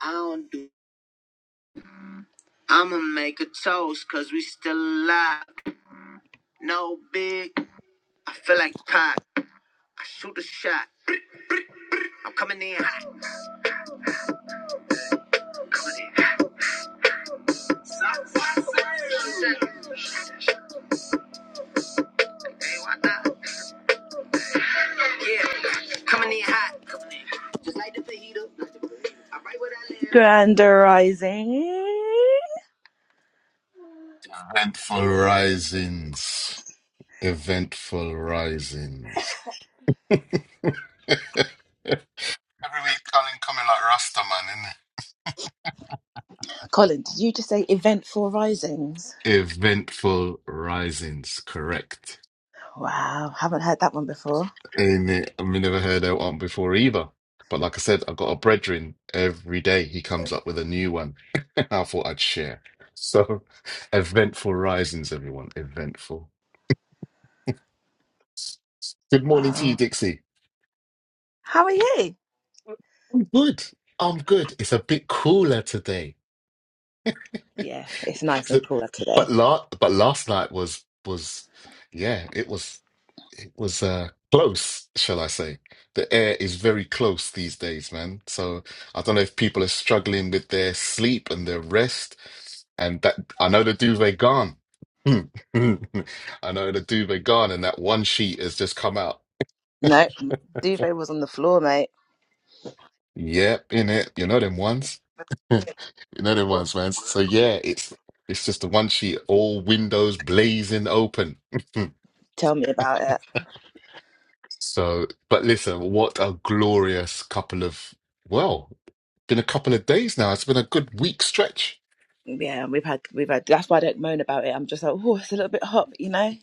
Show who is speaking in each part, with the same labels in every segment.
Speaker 1: I don't do. I'ma make a toast, cause we still alive. No big, I feel like pop. I shoot a shot. I'm coming in hot. Coming in hot. Yeah, coming in hot. Just like the fajita. I write what I live. Grander Rising.
Speaker 2: Eventful risings. Eventful risings. Every week, Colin coming like Rasta man, innit?
Speaker 1: Colin, did you just say eventful risings?
Speaker 2: Eventful risings, correct.
Speaker 1: Wow, haven't heard that one before.
Speaker 2: Ain't it? I mean, never heard that one before either. But like I said, I've got a brethren every day. He comes up with a new one. I thought I'd share. So, eventful risings, everyone. Eventful. Good morning to you,
Speaker 1: Wow.
Speaker 2: Dixie.
Speaker 1: How are you?
Speaker 2: I'm good. I'm good. It's a bit cooler today.
Speaker 1: Yeah, it's nice and
Speaker 2: So-
Speaker 1: cool today.
Speaker 2: but la but last night was was yeah, it was it was uh close, shall I say. The air is very close these days, man. So I don't know if people are struggling with their sleep and their rest. And that I know the duvet gone. I know the duvet gone and that one sheet has just come out.
Speaker 1: No, Duvet was on the floor, mate.
Speaker 2: Yep, in it. You know them ones. You know the ones, man. So yeah, it's it's just the one sheet, all windows blazing open.
Speaker 1: tell me about it.
Speaker 2: So, but listen, what a glorious couple of well, been a couple of days now. It's been a good week stretch.
Speaker 1: Yeah, we've had we've had. That's why I don't moan about it. I'm just like, oh, it's a little bit hot, but, you know.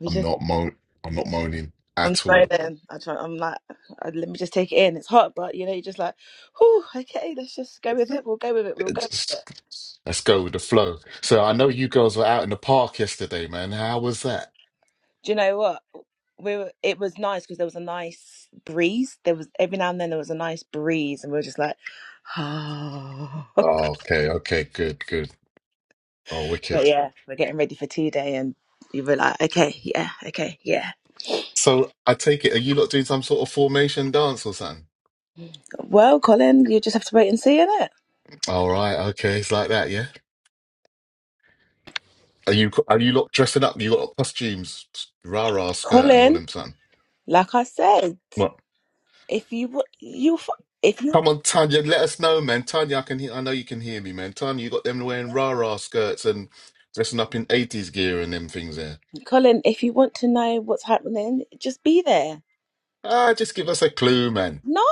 Speaker 1: We
Speaker 2: I'm
Speaker 1: just
Speaker 2: not mo I'm not moaning
Speaker 1: I'm
Speaker 2: at all.
Speaker 1: moaning. I try. I'm like, uh, let me just take it in. It's hot, but you know, you're just like, oh, okay, let's just go with it. We'll go with it. We'll go
Speaker 2: It's-
Speaker 1: with it.
Speaker 2: just- let's go with the flow. So I know you girls were out in the park yesterday, man. How was that?
Speaker 1: Do you know what? We were, it was nice because there was a nice breeze. There was every now and then there was a nice breeze, and we were just like, oh.
Speaker 2: Oh, okay, okay, good, good. Oh,
Speaker 1: But
Speaker 2: wicked.
Speaker 1: yeah, we're getting ready for tea day, and you were like, okay, yeah, okay, yeah.
Speaker 2: So I take it, are you lot doing some sort of formation dance or something?
Speaker 1: Well, Colin, you just have to wait and see, it.
Speaker 2: All right, okay, it's like that, yeah. Are you are you lot dressing up? You got costumes, rah rah skirt and all
Speaker 1: Colin,
Speaker 2: them something.
Speaker 1: like I said,
Speaker 2: What?
Speaker 1: if you wa- you f- if you
Speaker 2: Come on, Tanya, let us know, man. Tanya, I can hear. I know you can hear me, man. Tanya, you got them wearing rah rah skirts and dressing up in eighties gear and them things there.
Speaker 1: Colin, if you want to know what's happening, just be there.
Speaker 2: Ah, just give us a clue, man.
Speaker 1: No,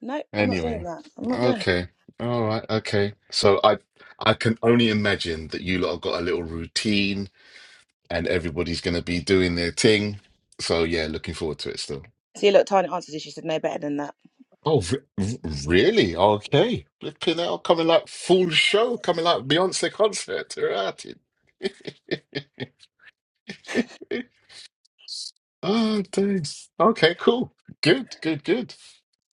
Speaker 1: no, I'm not doing
Speaker 2: Anyway,
Speaker 1: that. I'm not doing it.
Speaker 2: okay, all right, okay. So I I can only imagine that you lot have got a little routine and everybody's gonna be doing their thing. So yeah, looking forward to it still.
Speaker 1: See, look, Tanya answered it. She said no better than that.
Speaker 2: Oh, re- really? Okay. Flipping out, coming like full show, coming like Beyonce concert. Right. Oh, thanks. Okay, cool. Good, good, good.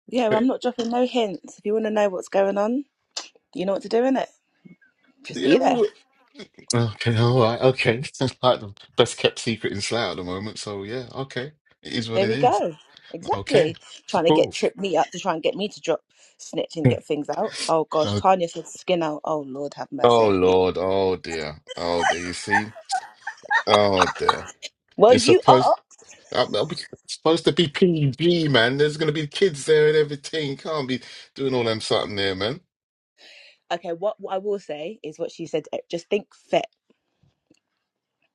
Speaker 1: Yeah, well, I'm
Speaker 2: Okay.
Speaker 1: not dropping no hints. If you want to know what's going on, you know what to do innit? Just
Speaker 2: Yeah,
Speaker 1: be
Speaker 2: well,
Speaker 1: there.
Speaker 2: we- okay, all right, okay. It's like the best kept secret in Slough at the moment, so yeah, okay. It is what
Speaker 1: There
Speaker 2: it
Speaker 1: we
Speaker 2: is.
Speaker 1: go.
Speaker 2: Okay,
Speaker 1: Exactly. Trying to get
Speaker 2: cool.
Speaker 1: trip me up to try and get me to drop snitch and
Speaker 2: Yeah.
Speaker 1: get things out. Oh gosh,
Speaker 2: Oh,
Speaker 1: Tanya said skin out. Oh Lord, have
Speaker 2: oh,
Speaker 1: mercy. Yeah.
Speaker 2: Lord, oh dear, oh dear, you see? Oh dear.
Speaker 1: Well,
Speaker 2: It's
Speaker 1: you
Speaker 2: supposed.
Speaker 1: are.
Speaker 2: I'm, I'm supposed to be PG, man. There's gonna be kids there and everything. Can't be doing all them something there, man.
Speaker 1: Okay, what, what I will say is what she said. eh, Just think fit.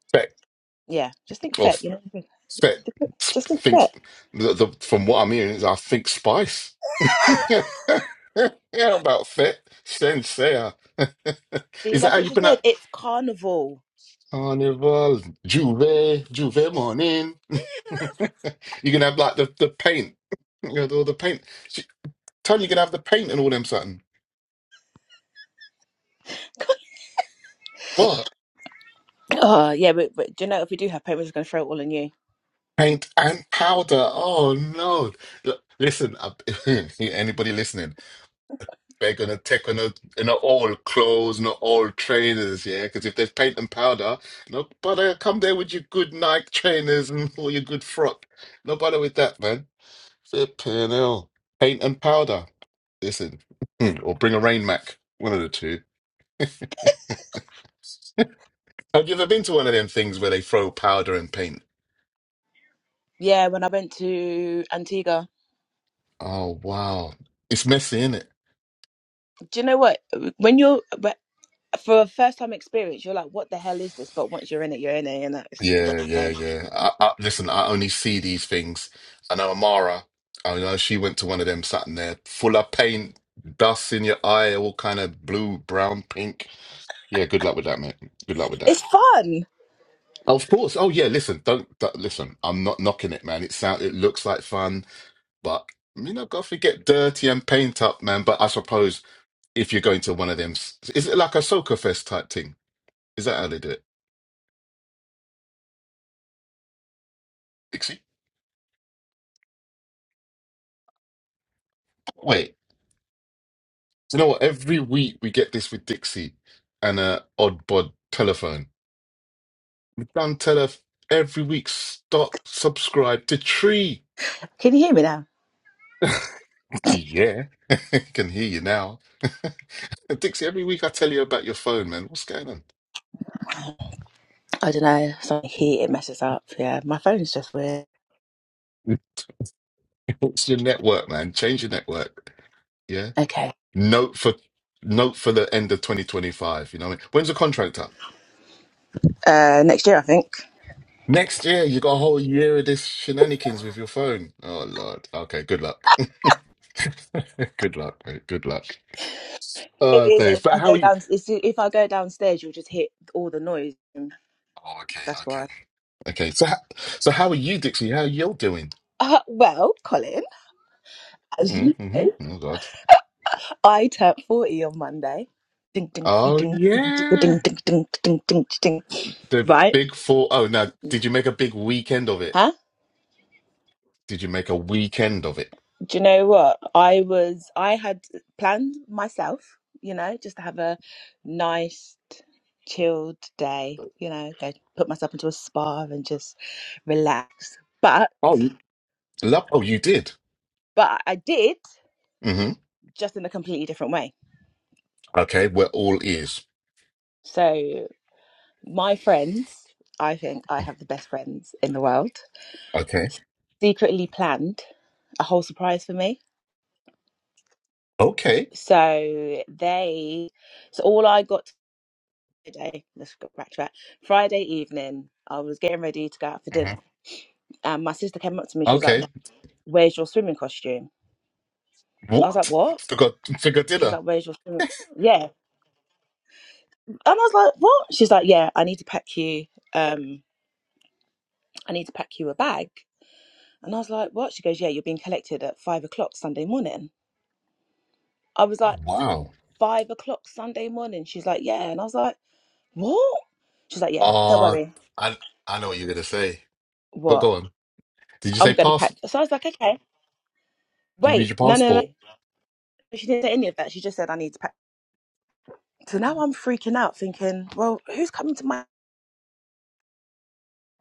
Speaker 2: Spec
Speaker 1: Yeah, just think
Speaker 2: or
Speaker 1: fit.
Speaker 2: f-
Speaker 1: You
Speaker 2: spec
Speaker 1: know, just
Speaker 2: sp-
Speaker 1: think fit.
Speaker 2: thinks the, the from what I'm hearing is I think spice. yeah, about fet sensei.
Speaker 1: See,
Speaker 2: is that
Speaker 1: that's
Speaker 2: how
Speaker 1: what
Speaker 2: you
Speaker 1: she
Speaker 2: pronounce
Speaker 1: said. It's carnival.
Speaker 2: carnival? Juve, Juve morning. you're gonna have like the the paint, you know, all the paint. She, Tony, you're gonna have the paint and all them something.
Speaker 1: Oh yeah, but, but do you know if we do have pain, we're just going to throw it all on you.
Speaker 2: Paint and powder. Oh no! L- Listen, uh, anybody listening? They're gonna take on a, you know, all clothes, not all trainers, yeah. Because if there's paint and powder, nobody come there with your good Nike trainers and all your good frock. Nobody with that, man. Flipping hell. Paint and powder. Listen, mm, or bring a rain mac. One of the two. Have you ever been to one of them things where they throw powder and paint?
Speaker 1: Yeah, when I went to Antigua,
Speaker 2: Oh wow, it's messy, innit?
Speaker 1: do you know what? When you're but for a first time experience, you're like, "What the hell is this?" But once you're in it, you're in it, and it's just a great
Speaker 2: Yeah, yeah,
Speaker 1: time.
Speaker 2: yeah. I, I, listen, I only see these things. I know Amara. I know she went to one of them, sat in there, full of paint, dust in your eye, all kind of blue, brown, pink. Yeah, good luck with that, mate. Good luck with that.
Speaker 1: It's fun.
Speaker 2: Of course. Oh yeah. Listen, don't, don't listen. I'm not knocking it, man. It sound, it looks like fun, but you know, golf you get dirty and paint up, man. But I suppose if you're going to one of them, s- is it like a soccer fest type thing? Is that how they do it? Dixie? Wait. Do you know what? Every week we get this with Dixie and a odd bod telephone. We've done telef every week. Stop, subscribe to Tree.
Speaker 1: Can you hear me now?
Speaker 2: Yeah, I can hear you now. Dixie, every week I tell you about your phone, man. What's going on?
Speaker 1: I don't know. Something here. it messes up. Yeah, my phone is just weird.
Speaker 2: It's your network, man. Change your network. Yeah.
Speaker 1: Okay.
Speaker 2: Note for note for the end of 2025. You know what I mean? When's the contract up?
Speaker 1: Uh, next year I think.
Speaker 2: Next year, you got a whole year of this shenanigans with your phone. Oh Lord. Okay, good luck. Good luck, mate. Good luck.
Speaker 1: It
Speaker 2: Oh,
Speaker 1: is.
Speaker 2: thanks.
Speaker 1: If
Speaker 2: But
Speaker 1: I
Speaker 2: how are
Speaker 1: go
Speaker 2: you?
Speaker 1: down, it's- if I go downstairs, you'll just hit all the noise.
Speaker 2: Oh, okay,
Speaker 1: That's
Speaker 2: okay,
Speaker 1: why.
Speaker 2: okay. So, ho- so how are you, Dixie? How are you doing?
Speaker 1: Uh, well, Colin, as you know,
Speaker 2: Mm-hmm. Oh God.
Speaker 1: I turned forty on Monday. Ding ding ding
Speaker 2: Oh
Speaker 1: ding ding ding
Speaker 2: yeah.
Speaker 1: ding ding ding ding. ding, ding.
Speaker 2: The
Speaker 1: Right?
Speaker 2: big four. Oh, now, did you make a big weekend of it?
Speaker 1: Huh?
Speaker 2: Did you make a weekend of it?
Speaker 1: do you know what i was i had planned myself you know just to have a nice chilled day you know go put myself into a spa and just relax but
Speaker 2: Oh, love. Oh, you did.
Speaker 1: but i did
Speaker 2: Mm-hmm.
Speaker 1: just in a completely different way
Speaker 2: Okay, we're all ears.
Speaker 1: so my friends i think i have the best friends in the world
Speaker 2: Okay.
Speaker 1: secretly planned a whole surprise for me
Speaker 2: Okay.
Speaker 1: so they so all i got Friday, let's go back to that. Friday evening, I was getting ready to go out for
Speaker 2: Mm-hmm.
Speaker 1: dinner, and my sister came up to me. She was like,
Speaker 2: Okay.
Speaker 1: "Where's your swimming costume?" I was like,
Speaker 2: What?
Speaker 1: "What?"
Speaker 2: Forgot forgot
Speaker 1: She was
Speaker 2: dinner?
Speaker 1: like, "Where's your swimming?" Yeah, and I was like, "What?" She's like, "Yeah, I need to pack you. Um, I need to pack you a bag." And I was like, "What?" She goes, "Yeah, you're being collected at five o'clock Sunday morning." I was
Speaker 2: Oh
Speaker 1: like,
Speaker 2: wow.
Speaker 1: five o'clock Sunday morning." She's like, "Yeah," and I was like, "What?" She's like, "Yeah, don't
Speaker 2: Uh
Speaker 1: worry."
Speaker 2: I I know what you're gonna say. But
Speaker 1: What?
Speaker 2: go on. Did you
Speaker 1: I'm
Speaker 2: say
Speaker 1: gonna
Speaker 2: pass
Speaker 1: pack. So I was like, "Okay,
Speaker 2: do you need
Speaker 1: wait,
Speaker 2: your
Speaker 1: no, no, no."
Speaker 2: passport?
Speaker 1: she didn't say any of that. She just said, I need to pack. So now I'm freaking out, thinking, well, who's coming to my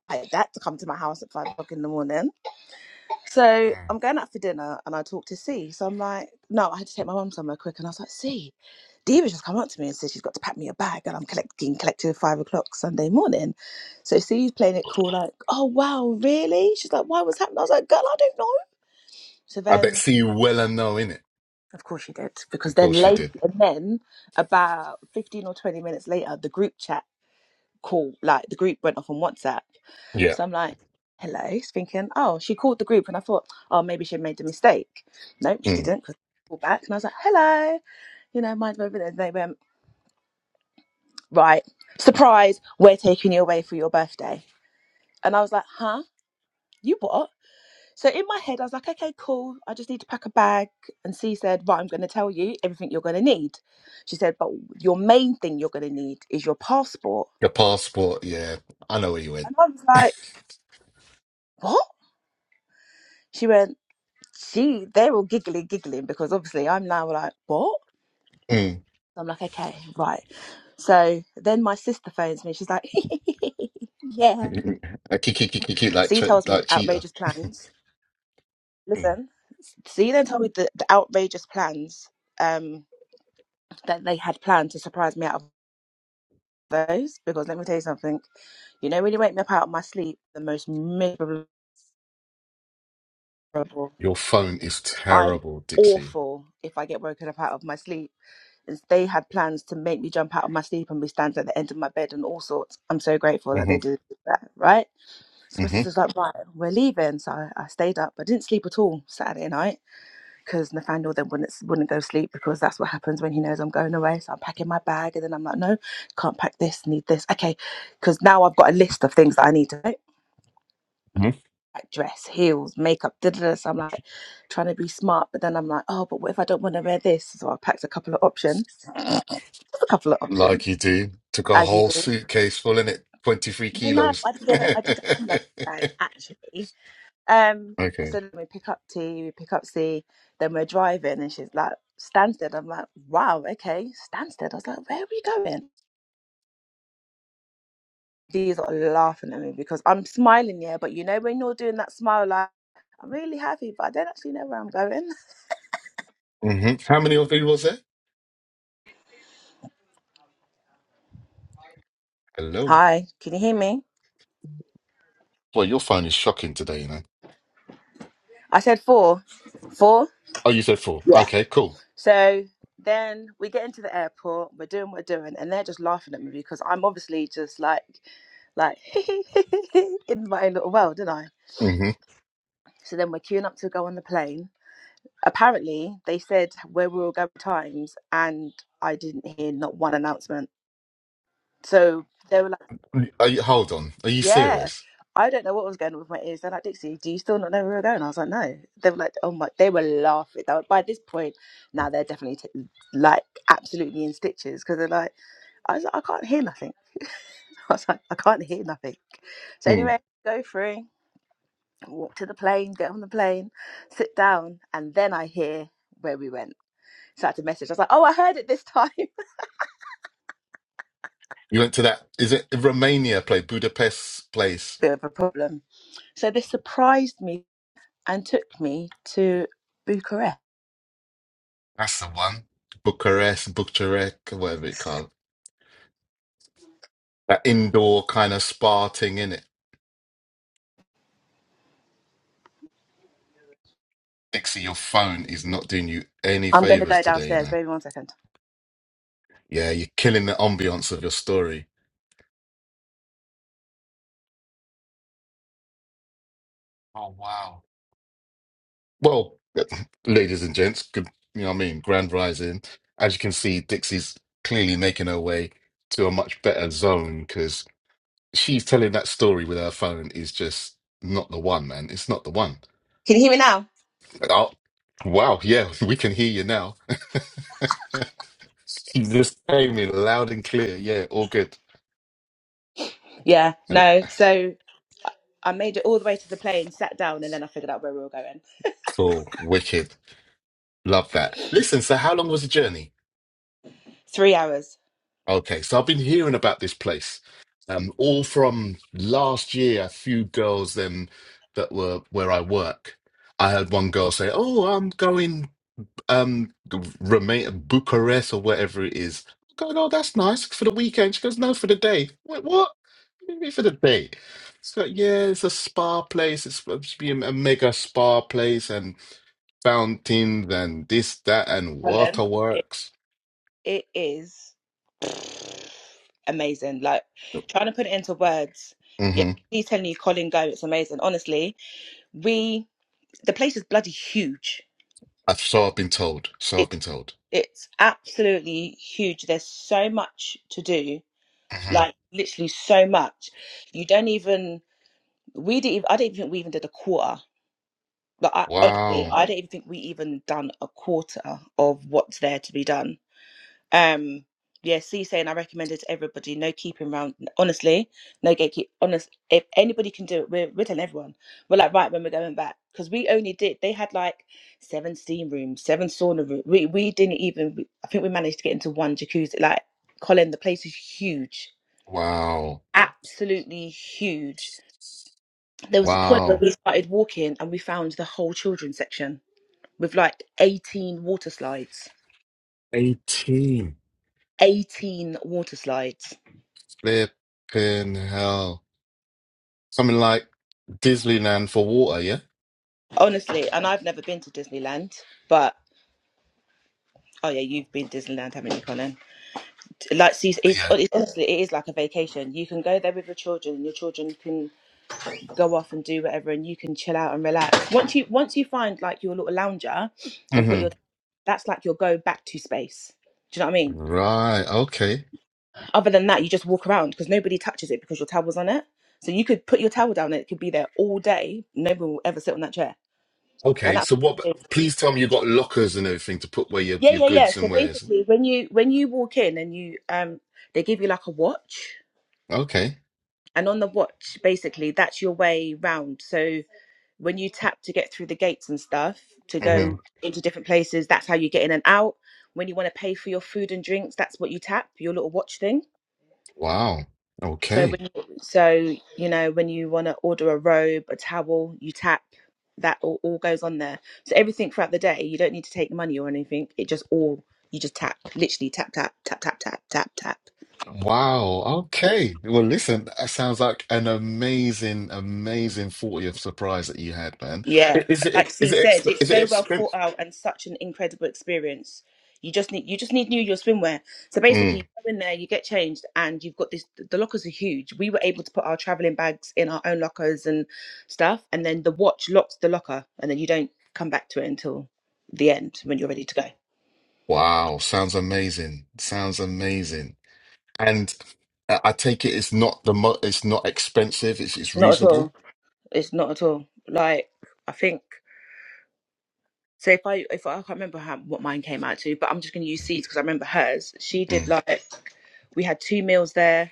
Speaker 1: like that to come to my house at five o'clock in the morning? So
Speaker 2: Mm.
Speaker 1: I'm going out for dinner and I talk to C. So I'm like, no, I had to take my mum somewhere quick. And I was like, C, Diva's just come up to me and said she's got to pack me a bag and I'm collecting collected five o'clock Sunday morning. So C's playing it cool, like, oh wow, really? She's like, why was happening? I was like, girl, I don't know. So
Speaker 2: I bet
Speaker 1: then
Speaker 2: see you well and know in it.
Speaker 1: of course she did, because
Speaker 2: Of
Speaker 1: then
Speaker 2: course you
Speaker 1: later
Speaker 2: did.
Speaker 1: and then about fifteen or twenty minutes later, the group chat call like the group went off on WhatsApp.
Speaker 2: Yeah.
Speaker 1: So I'm like, hello, thinking, oh, she called the group, and I thought, oh, maybe she made a mistake. Nope, she
Speaker 2: Mm.
Speaker 1: didn't. Cause I called back, and I was like, hello, you know, mind over there. And They went, right, surprise, we're taking you away for your birthday, and I was like, huh, you what? So in my head, I was like, okay, cool. I just need to pack a bag. And she said, right, I'm going to tell you everything you're going to need. She said, but your main thing you're going to need is your passport.
Speaker 2: Your passport, yeah. I know where you went.
Speaker 1: And I was like, what? She went. she they're all giggling, giggling because obviously I'm now like, what?
Speaker 2: Mm.
Speaker 1: I'm like, okay, right. So then my sister phones me. She's like, yeah.
Speaker 2: A kick, cute kick, kick, kick, like
Speaker 1: So he
Speaker 2: che-
Speaker 1: tells me
Speaker 2: like
Speaker 1: the
Speaker 2: cheetah.
Speaker 1: outrageous plans.
Speaker 2: Mm.
Speaker 1: Listen, so you then told me the, the outrageous plans um, that they had planned to surprise me out of those. Because let me tell you something, you know, when you wake me up out of my sleep, the most miserable.
Speaker 2: Your phone is
Speaker 1: I'm
Speaker 2: terrible, Dixie.
Speaker 1: awful if I get woken up out of my sleep. is they had plans to make me jump out of my sleep and be standing at the end of my bed and all sorts. I'm so grateful that they
Speaker 2: Mm-hmm.
Speaker 1: did that, right? So my
Speaker 2: Mm-hmm.
Speaker 1: sister's like, right, we're leaving. So I, I stayed up. I didn't sleep at all Saturday night because Nathaniel then wouldn't wouldn't go sleep because that's what happens when he knows I'm going away. So I'm packing my bag and then I'm like, no, can't pack this, need this. Okay, because now I've got a list of things that I need to pack.
Speaker 2: mm-hmm.
Speaker 1: Like dress, heels, makeup, da da da. So I'm like trying to be smart, but then I'm like, oh, but what if I don't want to wear this? So I packed a couple of options. Just a couple of options.
Speaker 2: Like you do. Took a
Speaker 1: as you
Speaker 2: whole
Speaker 1: do.
Speaker 2: suitcase full in it, 23
Speaker 1: No, no,
Speaker 2: kilos.
Speaker 1: I did a, I did a hand luggage bag actually. Um,
Speaker 2: Okay.
Speaker 1: so then we pick up T, we pick up C, then we're driving, and she's like Stansted. I'm like, wow, okay, Stansted. I was like, where are we going? D's are laughing at me because I'm smiling, yeah, but you know when you're doing that smile, like I'm really happy, but I don't actually know where I'm going.
Speaker 2: hmm How many of you was there? Hello.
Speaker 1: Hi, can you hear me?
Speaker 2: Well, your phone is shocking today, you know.
Speaker 1: I said four, four.
Speaker 2: Oh, you said four.
Speaker 1: yeah.
Speaker 2: Okay, cool.
Speaker 1: So then we get into the airport, we're doing what we're doing, and they're just laughing at me because I'm obviously just like, like in my own little world, didn't I?
Speaker 2: hmm
Speaker 1: So then we're queuing up to go on the plane. Apparently, they said where we were going times, and I didn't hear not one announcement. So they were
Speaker 2: Are you, hold on. Are you
Speaker 1: Yeah.
Speaker 2: serious?
Speaker 1: I don't know what was going on with my ears. They're like, Dixie, do you still not know where we're going? I was like, no. They were like, oh my, they were laughing. They were, by this point, now they're definitely t- like absolutely in stitches because they're like, I was like, I can't hear nothing. I was like, I can't hear nothing. So
Speaker 2: Mm.
Speaker 1: anyway, go through, walk to the plane, get on the plane, sit down, and then I hear where we went. So I had to message. I was like, oh, I heard it this time.
Speaker 2: You went to that? Is it Romania? Play Budapest place.
Speaker 1: Bit of a problem. So this surprised me and took me to Bucharest.
Speaker 2: That's the one. Bucharest, Bucharest, whatever it called. That indoor kind of spa thing in it. Dixie, your phone is not doing you any
Speaker 1: I'm going to
Speaker 2: favors
Speaker 1: go
Speaker 2: today, you
Speaker 1: downstairs.
Speaker 2: know.
Speaker 1: Baby, one second.
Speaker 2: Yeah, you're killing the ambiance of your story. Oh wow. Well, ladies and gents, good, you know what I mean? Grand rising. As you can see, Dixie's clearly making her way to a much better zone because she's telling that story with her phone is just not the one, man. It's not the one.
Speaker 1: Can you hear me now?
Speaker 2: Oh, wow. Yeah, we can hear you now. she just came in loud and clear. Yeah, all good.
Speaker 1: Yeah,
Speaker 2: And
Speaker 1: no. So I made it all the way to the plane, sat down, and then I figured out where we were going.
Speaker 2: It's all wicked. Love that. Listen, so how long was the journey?
Speaker 1: Three hours.
Speaker 2: Okay, so I've been hearing about this place, um, all from last year. A few girls then that were where I work. I had one girl say, "Oh, I'm going um Roma- Bucharest or whatever it is." I go, "Oh, that's nice for the weekend." She goes, "No, for the day." I went, "What? What do you mean for the day?" She's like, "Yeah, it's a spa place. It's supposed to be a a mega spa place and fountains and this, that, and
Speaker 1: Helen, it,
Speaker 2: waterworks."
Speaker 1: it is amazing. Like trying to put it into words. Yeah,
Speaker 2: hmm
Speaker 1: he's telling you, Colin, go. It's amazing. Honestly, we the place is bloody huge.
Speaker 2: I've so I've been told. So I've
Speaker 1: It's
Speaker 2: been told.
Speaker 1: it's absolutely huge. There's so much to do.
Speaker 2: hmm
Speaker 1: Like literally so much. You don't even We didn't. Even, I don't even think we even did a quarter. But I, honestly,
Speaker 2: Wow.
Speaker 1: I don't even think we even done a quarter of what's there to be done. Um, yeah, C saying I recommend it to everybody. No keeping round. Honestly, no gatekeep. Honest, if anybody can do it, we're, we're telling everyone. We're like right when we're going back because we only did. They had like seven steam rooms, seven sauna rooms. We we didn't even. we- I think we managed to get into one jacuzzi. Like Colin, the place is huge,
Speaker 2: Wow.
Speaker 1: absolutely huge There was a point where
Speaker 2: Wow.
Speaker 1: we started walking and we found the whole children's section with like 18 water slides.
Speaker 2: 18.
Speaker 1: 18 water slides.
Speaker 2: Flipping hell. Something like Disneyland for water, yeah?
Speaker 1: Honestly, and I've never been to Disneyland, but oh yeah, you've been to Disneyland, haven't you, Colin? Like, see, it's,
Speaker 2: Yeah.
Speaker 1: it's honestly, it is like a vacation. You can go there with your children, and your children can go off and do whatever, and you can chill out and relax. Once you once you find like your little lounger and put
Speaker 2: hmm
Speaker 1: your, that's like your go back to space. Do you know what I mean?
Speaker 2: Right. Okay.
Speaker 1: Other than that, you just walk around because nobody touches it because your towel's on it. So you could put your towel down and it could be there all day. Nobody will ever sit on that chair. And
Speaker 2: Okay.
Speaker 1: that's
Speaker 2: So what, please tell me you got lockers and everything to put where your,
Speaker 1: yeah,
Speaker 2: your
Speaker 1: yeah, yeah.
Speaker 2: goods
Speaker 1: So
Speaker 2: and wares.
Speaker 1: basically, when you when you walk in and you um, they give you like a watch,
Speaker 2: Okay.
Speaker 1: and on the watch, basically that's your way round. So when you tap to get through the gates and stuff to
Speaker 2: hmm
Speaker 1: go into different places, that's how you get in and out. When you want to pay for your food and drinks, that's what you tap your little watch thing
Speaker 2: Wow.
Speaker 1: So
Speaker 2: Okay.
Speaker 1: when you, so you know when you want to order a robe, a towel, you tap that all, all goes on there. So everything throughout the day, you don't need to take money or anything. It just all you just tap, literally tap tap tap tap tap tap tap.
Speaker 2: Wow. Okay. Well, listen, that sounds like an amazing, amazing 40th surprise that you had, man.
Speaker 1: Yeah,
Speaker 2: I- Is
Speaker 1: like
Speaker 2: it,
Speaker 1: C
Speaker 2: is it,
Speaker 1: said,
Speaker 2: exp-
Speaker 1: it's
Speaker 2: is it
Speaker 1: so well thought
Speaker 2: expensive?
Speaker 1: out and such an incredible experience. You just need you just need new your swimwear. So basically, you go in there, you get changed, and you've got this. The lockers are huge. We were able to put our traveling bags in our own lockers and stuff, and then the watch locks the locker, and then you don't come back to it until the end when you're ready to go.
Speaker 2: Wow, sounds amazing. Sounds amazing. And I I take it it's not the mo it's not expensive, it's it's
Speaker 1: Not at
Speaker 2: reasonable.
Speaker 1: all. It's not at all. Like I think. So if I if I, I can't remember how, what mine came out to, but I'm just going to use C's because I remember hers. She did
Speaker 2: Mm,
Speaker 1: like we had two meals there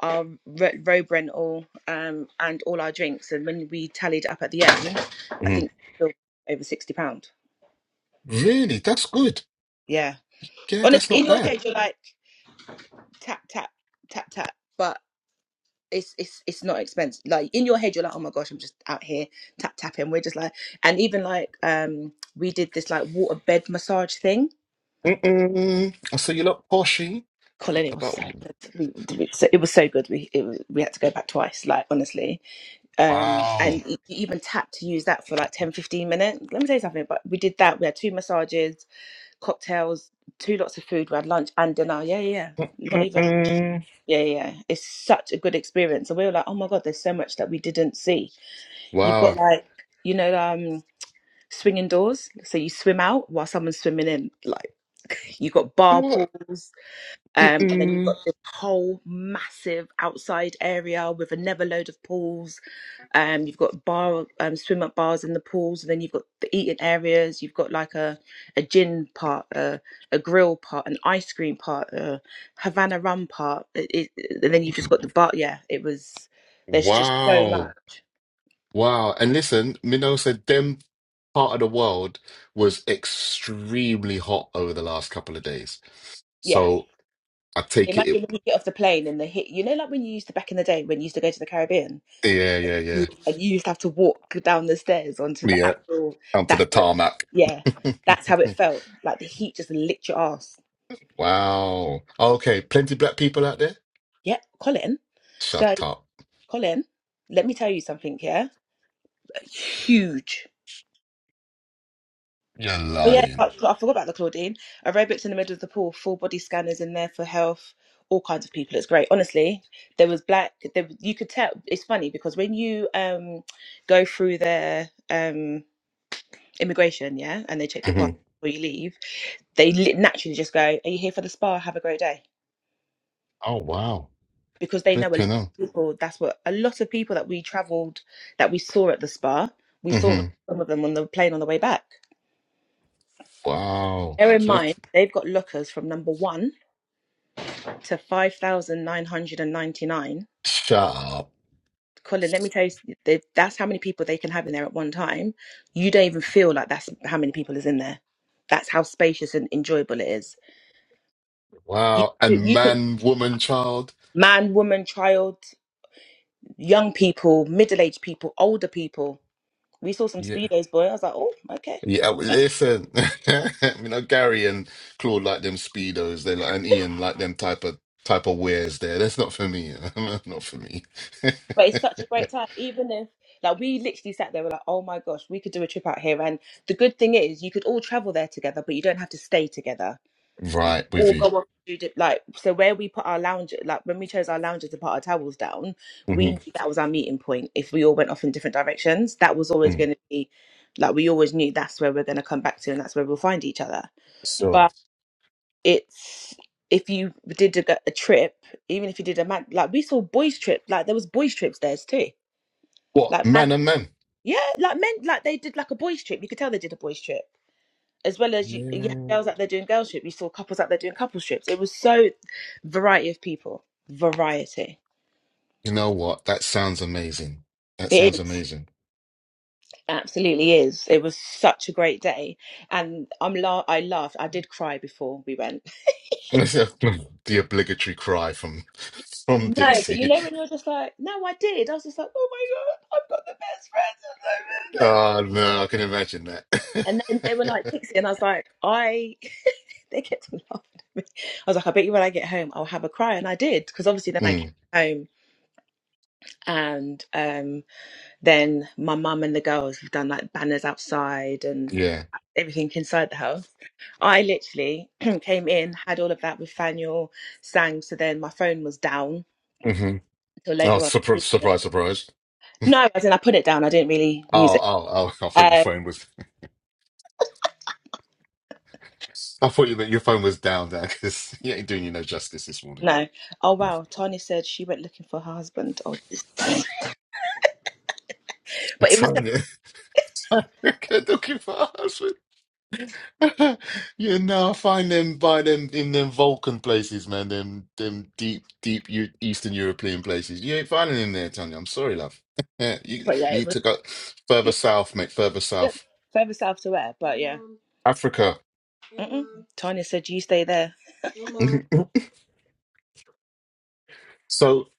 Speaker 1: our ro- road rental um, and all our drinks. And when we tallied up at the end, I
Speaker 2: mhm.
Speaker 1: think still over sixty pound.
Speaker 2: Really? That's good.
Speaker 1: Yeah,
Speaker 2: Yeah,
Speaker 1: honestly,
Speaker 2: that's not
Speaker 1: in your
Speaker 2: bad.
Speaker 1: head you're like tap tap tap tap, but it's it's it's not expensive. Like in your head you're like, oh my gosh, I'm just out here tap tapping. We're just like, and even like um, we did this like water bed massage thing.
Speaker 2: Mm-mm. I you look poshy
Speaker 1: Colin, it was
Speaker 2: about
Speaker 1: so good. We, we- so, it was so good. We it was, we had to go back twice. Like honestly, um
Speaker 2: wow.
Speaker 1: and you even tap to use that for like 10, 15 minutes let me tell you something but we did that we had two massages cocktails two lots of food we had lunch and dinner yeah yeah yeah. not even
Speaker 2: Mm-mm.
Speaker 1: yeah yeah yeah. it's such a good experience and we were like oh my god there's so much that we didn't see you've got
Speaker 2: Wow.
Speaker 1: like you know um swinging doors so you swim out while someone's swimming in like you've got bar
Speaker 2: What?
Speaker 1: pools um and then you've got
Speaker 2: Mm-mm.
Speaker 1: this whole massive outside area with a never load of pools um, you've got bar um, swim up bars in the pools, and then you've got the eating areas. You've got like a a gin part, a a grill part, an ice cream part, a Havana rum part, it, it, and then you've just got the bar. Yeah, it was. There's just so
Speaker 2: Wow.
Speaker 1: much.
Speaker 2: Wow. And listen, Minnow said them part of the world was extremely hot over the last couple of days.
Speaker 1: Yeah.
Speaker 2: So. I take it, it
Speaker 1: Imagine when you get off the plane and the hit. You know, like when you used to back in the day when you used to go to the Caribbean
Speaker 2: yeah, yeah,
Speaker 1: Mm.
Speaker 2: yeah.
Speaker 1: and you used to have to walk down the stairs onto the
Speaker 2: Yeah,
Speaker 1: actual.
Speaker 2: onto
Speaker 1: That's
Speaker 2: the
Speaker 1: how it,
Speaker 2: tarmac.
Speaker 1: yeah, that's how it felt. Like the heat just licked your ass.
Speaker 2: wow. Okay, plenty black people out there?
Speaker 1: Yeah, Colin. So.
Speaker 2: Shut up.
Speaker 1: Colin, let me tell you something here. Huge.
Speaker 2: You're
Speaker 1: Oh yeah, I
Speaker 2: lying.
Speaker 1: I forgot about the Claudine. Aerobics in the middle of the pool, full body scanners in there for health, all kinds of people. It's great. Honestly, there was black. There, you could tell. It's funny because when you um go through their um immigration, yeah, and they check your passport
Speaker 2: hmm
Speaker 1: before you leave, they li- naturally just go, "Are you here for the spa? Have a great day,"
Speaker 2: Oh, wow.
Speaker 1: because they know a lot of
Speaker 2: Flipping on.
Speaker 1: people. That's what a lot of people that we travelled, that we saw at the spa, we saw
Speaker 2: hmm
Speaker 1: some of them on the plane on the way back.
Speaker 2: Wow.
Speaker 1: Bear in
Speaker 2: Flip.
Speaker 1: mind, they've got lookers from number one to 5,999.
Speaker 2: Shut up.
Speaker 1: Colin, let me tell you, they, that's how many people they can have in there at one time. You don't even feel like that's how many people is in there. That's how spacious and enjoyable it is. You,
Speaker 2: Wow. And
Speaker 1: you could,
Speaker 2: man, woman, child?
Speaker 1: man, woman, child, young people, middle aged people, older people. We saw some
Speaker 2: Yeah.
Speaker 1: speedos, boy. I was like, oh, okay.
Speaker 2: Yeah, well, listen. you know, Gary and Claude like them speedos. They like, and Ian like them type of type of wares there. That's not for me. Not for me.
Speaker 1: But it's such a great time, even if like we literally sat there, we're like, oh my gosh, we could do a trip out here. And the good thing is, you could all travel there together, but you don't have to stay together. You
Speaker 2: Right, with
Speaker 1: all
Speaker 2: you.
Speaker 1: go off to do like so. Where we put our lounge, like when we chose our lounges to put our towels down, we knew
Speaker 2: hmm
Speaker 1: that was our meeting point. If we all went off in different directions, that was always going to be like we always knew that's where we're going to come back to, and that's where we'll find each other.
Speaker 2: So,
Speaker 1: But it's if you did a, a trip, even if you did a man, like we saw boys trip, like there was boys trips there too
Speaker 2: what?
Speaker 1: like
Speaker 2: Men
Speaker 1: man,
Speaker 2: are men.
Speaker 1: yeah, like men, like they did like a boys trip. You could tell they did a boys trip, as well as you, you had
Speaker 2: Yeah.
Speaker 1: girls out there doing girls trip. You saw couples out there doing couples trips. It was so variety of people, variety.
Speaker 2: You know what? That sounds amazing. That
Speaker 1: It
Speaker 2: sounds
Speaker 1: is
Speaker 2: amazing.
Speaker 1: absolutely is. It was such a great day, and I'm la- I laughed. I did cry before we went.
Speaker 2: the obligatory cry from from
Speaker 1: No, but you
Speaker 2: Dixie.
Speaker 1: know when you're just like, no, I did. I was just like, oh my god, I've got the best friends. I've ever met."
Speaker 2: Oh, no, I can imagine that.
Speaker 1: And then they were like Dixie, and I was like, I They kept on laughing at me. I was like, I bet you when I get home, I'll have a cry. And I did, because obviously then I came
Speaker 2: Mm,
Speaker 1: home and um, then my mum and the girls have done like banners outside and
Speaker 2: yeah.
Speaker 1: everything inside the house. I literally came in, had all of that with Faniel, sang. So then my phone was down
Speaker 2: hmm
Speaker 1: until
Speaker 2: Oh,
Speaker 1: later on.
Speaker 2: surprise, surprise, surprise.
Speaker 1: No, as in I put it down. I didn't really use
Speaker 2: Oh,
Speaker 1: it.
Speaker 2: oh, oh, I thought your
Speaker 1: Um,
Speaker 2: phone was, I thought you, that your phone was down there because you ain't doing you no justice this morning.
Speaker 1: no. Oh,
Speaker 2: I'm
Speaker 1: wow. Tanya said she went looking for her husband. Oh, but it was, so,
Speaker 2: telling you. Looking for us. Yeah, no, I find them by them in them Vulcan places, man. Them them deep, deep Eu- Eastern European places. You ain't finding them there, Tanya. I'm sorry, love. You you
Speaker 1: but yeah, it
Speaker 2: need
Speaker 1: was,
Speaker 2: to go further
Speaker 1: yeah.
Speaker 2: south, mate. Further south,
Speaker 1: Further south to where? But yeah.
Speaker 2: Africa.
Speaker 1: Mm-mm. Tanya said, "You stay there." Uh,
Speaker 2: So,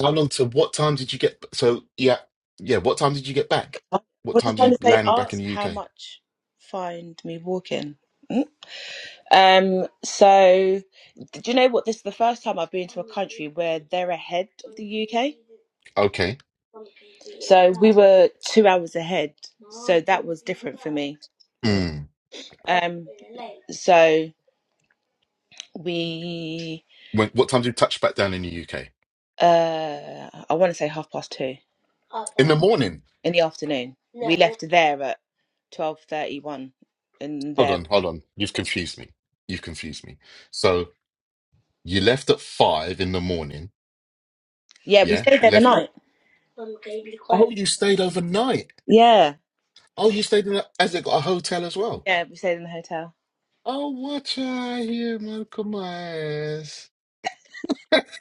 Speaker 2: how long to what time did you get? So, yeah, yeah. What time did you get back? What
Speaker 1: What does
Speaker 2: time did you
Speaker 1: Tanya say?
Speaker 2: land back in
Speaker 1: Ask
Speaker 2: the
Speaker 1: how
Speaker 2: UK?
Speaker 1: much. Find me walking. Mm. Um. So, do you know what? This is the first time I've been to a country where they're ahead of the UK.
Speaker 2: Okay.
Speaker 1: So we were two hours ahead. So that was different for me. Like,
Speaker 2: Mm.
Speaker 1: um. So we.
Speaker 2: When, what time did you touch back down in the UK?
Speaker 1: Uh. I want to say half past two
Speaker 2: In the morning.
Speaker 1: in the afternoon. We left there at twelve thirty one, and there.
Speaker 2: Hold on, hold on. You've confused me. You've confused me. So, You left at five in the morning.
Speaker 1: Yeah, we
Speaker 2: Yeah,
Speaker 1: stayed there the
Speaker 2: left.
Speaker 1: night.
Speaker 2: Oh, you stayed overnight.
Speaker 1: Yeah,
Speaker 2: Oh, you stayed in a, as it got a hotel as well.
Speaker 1: yeah, we stayed in the hotel.
Speaker 2: Oh, watch out here, Malcolm? Myers.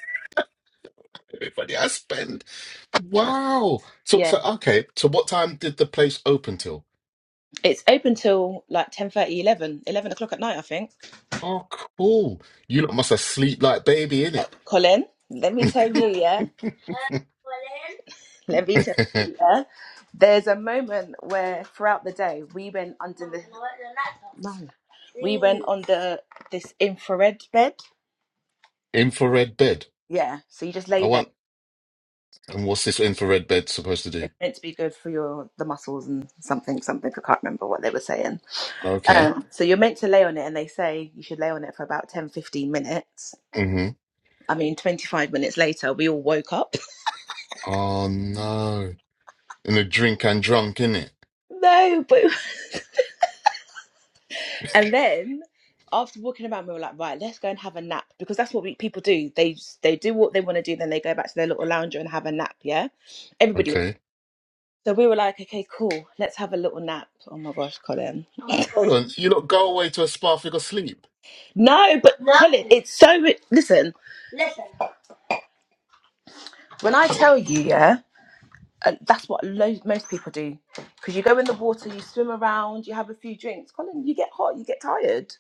Speaker 2: Everybody I spend. Wow. So,
Speaker 1: Yeah,
Speaker 2: so okay. So, what time did the place open till?
Speaker 1: it's open till like ten thirty, eleven, eleven o'clock at night, I think.
Speaker 2: Oh, cool. You lot must have sleep like baby in it.
Speaker 1: Colin, let me tell you, yeah, let me tell you, yeah. There's a moment where throughout the day we went under the no, we went on the this infrared bed.
Speaker 2: infrared bed.
Speaker 1: Yeah, so you just lay
Speaker 2: I
Speaker 1: there.
Speaker 2: want. And what's this infrared bed supposed to do?
Speaker 1: It's meant to be good for your the muscles and something, something. I can't remember what they were saying.
Speaker 2: Okay.
Speaker 1: Um, so you're meant to lay on it, and they say you should lay on it for about 10, 15 minutes.
Speaker 2: Mm-hmm.
Speaker 1: I mean, 25 minutes later, we all woke up.
Speaker 2: Oh no. And a drink and drunk in it.
Speaker 1: no, but and then after walking about, we were like, right, let's go and have a nap because that's what we, people do. They they do what they want to do, then they go back to their little lounger and have a nap. Yeah, everybody. was-
Speaker 2: Okay.
Speaker 1: So we were like, okay, cool, let's have a little nap. Oh my gosh, Colin.
Speaker 2: Hold on. You lot go away to a spa for your sleep.
Speaker 1: No, but No. Colin, it's so. Listen, when I tell you, yeah. and that's what lo- most people do because you go in the water you swim around you have a few drinks colin you get hot you get tired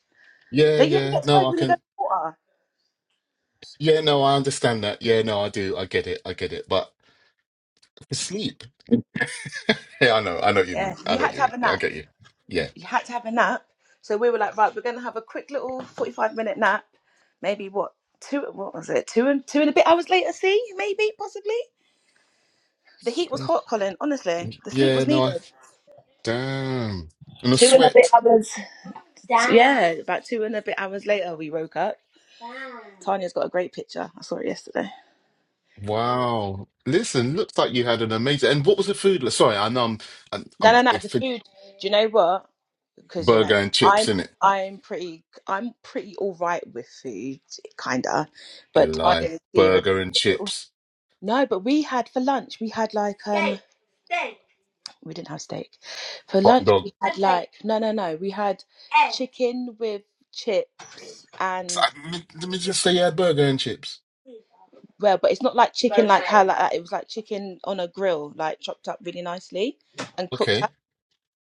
Speaker 2: Yeah,
Speaker 1: don't you ever
Speaker 2: yeah.
Speaker 1: get tired
Speaker 2: No, I
Speaker 1: when you go in
Speaker 2: can.
Speaker 1: the water
Speaker 2: Yeah, no, I understand that. Yeah, no, I do. I get it. I get it. But for sleep. Yeah, I know. I know what you
Speaker 1: yeah
Speaker 2: mean. I
Speaker 1: you
Speaker 2: know
Speaker 1: had
Speaker 2: what
Speaker 1: to
Speaker 2: you mean.
Speaker 1: have a
Speaker 2: Yeah, I
Speaker 1: nap
Speaker 2: get you. Yeah.
Speaker 1: you had to have a nap so we were like right we're going to have a quick little 45 minute nap maybe what two what was it two and two and a bit hours later see maybe possibly the heat was hot colin honestly the sleep
Speaker 2: Yeah,
Speaker 1: was
Speaker 2: no, I.
Speaker 1: needed
Speaker 2: Damn. And a
Speaker 1: two and a bit
Speaker 2: sweat.
Speaker 1: hours yeah about two and a bit hours later we woke up tanya's got a great picture i saw it yesterday
Speaker 2: Wow. Listen, looks like you had an amazing. And what was the food? like? Sorry, I know I'm. I'm,
Speaker 1: No,
Speaker 2: I'm
Speaker 1: no, no.
Speaker 2: a
Speaker 1: The
Speaker 2: fig
Speaker 1: food. Do you know what? Because you know,
Speaker 2: burger and
Speaker 1: I'm
Speaker 2: chips, innit?
Speaker 1: I'm pretty I'm pretty all right with food, kinda.
Speaker 2: You
Speaker 1: But Thailand
Speaker 2: lie.
Speaker 1: is zero.
Speaker 2: Burger and chips.
Speaker 1: No, but we had for lunch. We had like um. Steak. Steak. We didn't have steak. For
Speaker 2: Hot
Speaker 1: lunch,
Speaker 2: dog.
Speaker 1: we had Okay. like no, no, no. We had Egg. chicken with chips and
Speaker 2: I- Let me let me just say you had burger and chips.
Speaker 1: well, but it's not like chicken like how like that. It was like chicken on a grill, like chopped up really nicely and cooked
Speaker 2: Okay.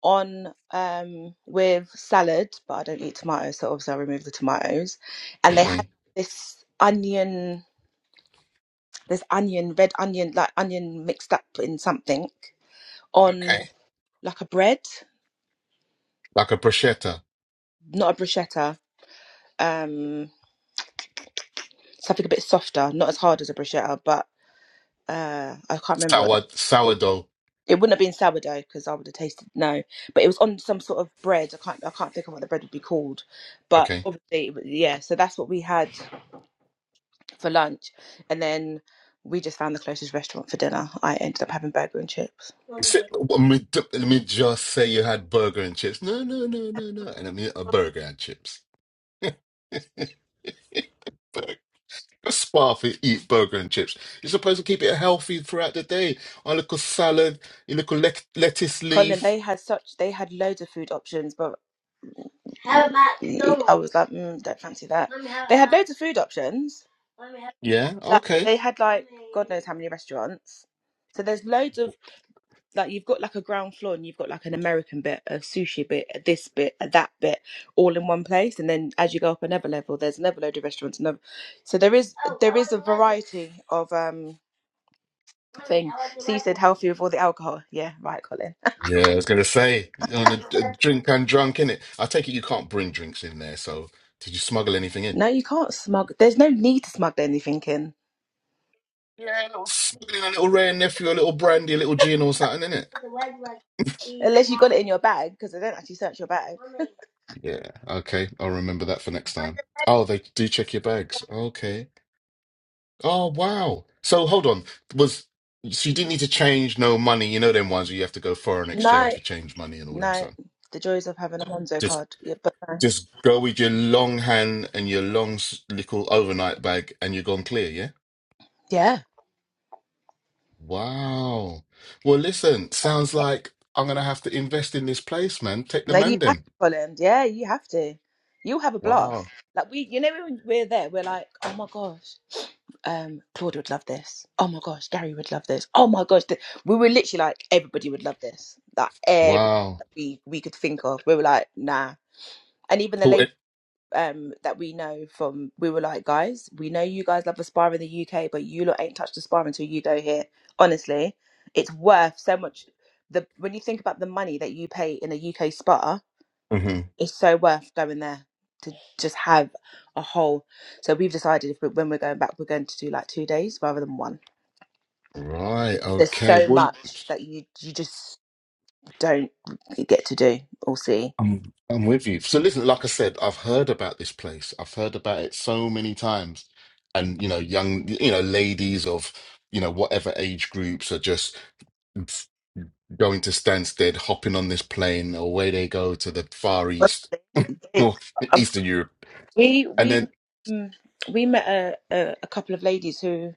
Speaker 1: on um with salad, but I don't eat tomatoes, so obviously I removed the tomatoes. And they had
Speaker 2: Okay.
Speaker 1: this onion, this onion, red onion, like onion mixed up in something on
Speaker 2: Okay.
Speaker 1: like a bread,
Speaker 2: Like a prosciutto,
Speaker 1: not a bruschetta, um, something a bit softer, not as hard as a bruschetta, but uh, I can't remember what. The,
Speaker 2: sour, sourdough.
Speaker 1: it wouldn't have been sourdough because I would have tasted no, but it was on some sort of bread. I can't, I can't think of what the bread would be called, but
Speaker 2: Okay.
Speaker 1: obviously, yeah. So that's what we had for lunch, and then we just found the closest restaurant for dinner. I ended up having burger and chips.
Speaker 2: Say- Let me, d- let me just say you had burger and chips. No, no, no, no, no. And I mean a burger and chips. Burger. Spa for eat burger and chips. You're supposed to keep it healthy throughout the day. A little salad, a little lec- lettuce
Speaker 1: Colin,
Speaker 2: leaf.
Speaker 1: they had such they had loads of food options, but mm, I was like, mm, don't fancy that. Let me have They had that. loads of food options.
Speaker 2: Yeah,
Speaker 1: Like
Speaker 2: okay.
Speaker 1: they had like God knows how many restaurants. So there's loads of like you've got like a ground floor and you've got like an American bit, a sushi bit, a this bit, a that bit, all in one place. And then as you go up another level, there's another load of restaurants. Another, so there is there is a variety of um thing. So you said healthy with all the alcohol. Yeah, right, Colin.
Speaker 2: Yeah, I was gonna say on a, a drink and drunk in it. I take it you can't bring drinks in there. So did you smuggle anything in?
Speaker 1: No, you can't smuggle. There's no need to smuggle anything in
Speaker 2: Yeah, a little smuggling, a little rare nephew, a little brandy, a little gin or something, innit?
Speaker 1: unless you got it in your bag because they don't actually search your bag.
Speaker 2: Yeah, okay. I'll remember that for next time. Oh, they do check your bags. Okay. Oh, wow. So hold on. Was so you didn't need to change no money, you know them ones where you have to go foreign exchange
Speaker 1: No,
Speaker 2: for change money and all them
Speaker 1: no.
Speaker 2: son.
Speaker 1: The joys of having a Monzo
Speaker 2: Just
Speaker 1: card. Yeah, but
Speaker 2: just go with your long hand and your long s- little overnight bag and you're gone clear, yeah?
Speaker 1: yeah,
Speaker 2: Wow. Well, listen, sounds like I'm gonna have to invest in this place, man. Take the
Speaker 1: no, you
Speaker 2: man
Speaker 1: have to,
Speaker 2: them.
Speaker 1: Colin. Yeah, you have to. You'll have a blast.
Speaker 2: Wow.
Speaker 1: Like we, you know, when we're there, we're like, oh my gosh, um, Claudia would love this. Oh my gosh, Gary would love this. Oh my gosh, th- we were literally like, everybody would love this. Like every
Speaker 2: Wow.
Speaker 1: we we could think of, we were like, nah. and even the
Speaker 2: So
Speaker 1: lady
Speaker 2: it.
Speaker 1: um that we know from we were like guys we know you guys love a spa in the uk but you lot ain't touched a spa until you go here honestly it's worth so much the when you think about the money that you pay in a uk spa
Speaker 2: hmm
Speaker 1: it's so worth going there to just have a whole so we've decided if we, when we're going back we're going to do like two days rather than one
Speaker 2: Right.
Speaker 1: there's
Speaker 2: Okay.
Speaker 1: so
Speaker 2: Well,
Speaker 1: much that you you just don't get to do or see
Speaker 2: I'm I'm with you. So listen, like I said, I've heard about this place. I've heard about it so many times, and you know, young, you know, ladies of you know whatever age groups are just going to Stansted, hopping on this plane, away they go to the Far East
Speaker 1: Honestly,
Speaker 2: or
Speaker 1: it-
Speaker 2: Eastern Europe,
Speaker 1: We
Speaker 2: and
Speaker 1: we
Speaker 2: then
Speaker 1: mm, we met a, a, a couple of ladies who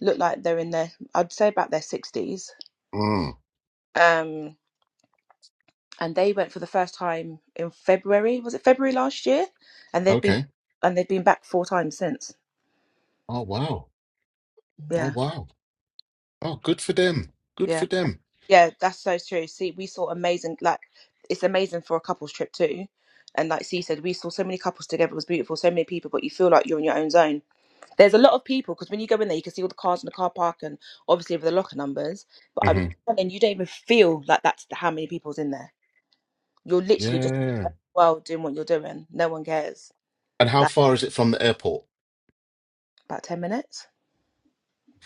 Speaker 1: look like they're in their I'd say about their sixties.
Speaker 2: mm,
Speaker 1: Um, and they went for the first time in February. Was it February last year? And they've been
Speaker 2: okay.
Speaker 1: and they've been back four times since.
Speaker 2: Oh wow. Oh
Speaker 1: Yeah,
Speaker 2: wow. Oh, good for them. Good
Speaker 1: yeah,
Speaker 2: for them.
Speaker 1: yeah. That's so true. See, we saw amazing. Like it's amazing for a couples trip too. And like C said, we saw so many couples together. It was beautiful. So many people, but you feel like you're in your own zone There's a lot of people because when you go in there, you can see all the cars in the car park and obviously with the locker numbers. But I'm
Speaker 2: hmm
Speaker 1: telling you, you don't even feel like that's the- how many people's in there. You're literally just
Speaker 2: Yeah.
Speaker 1: well doing what you're doing. No one cares.
Speaker 2: And how
Speaker 1: Like
Speaker 2: far is it from the airport?
Speaker 1: about 10 minutes.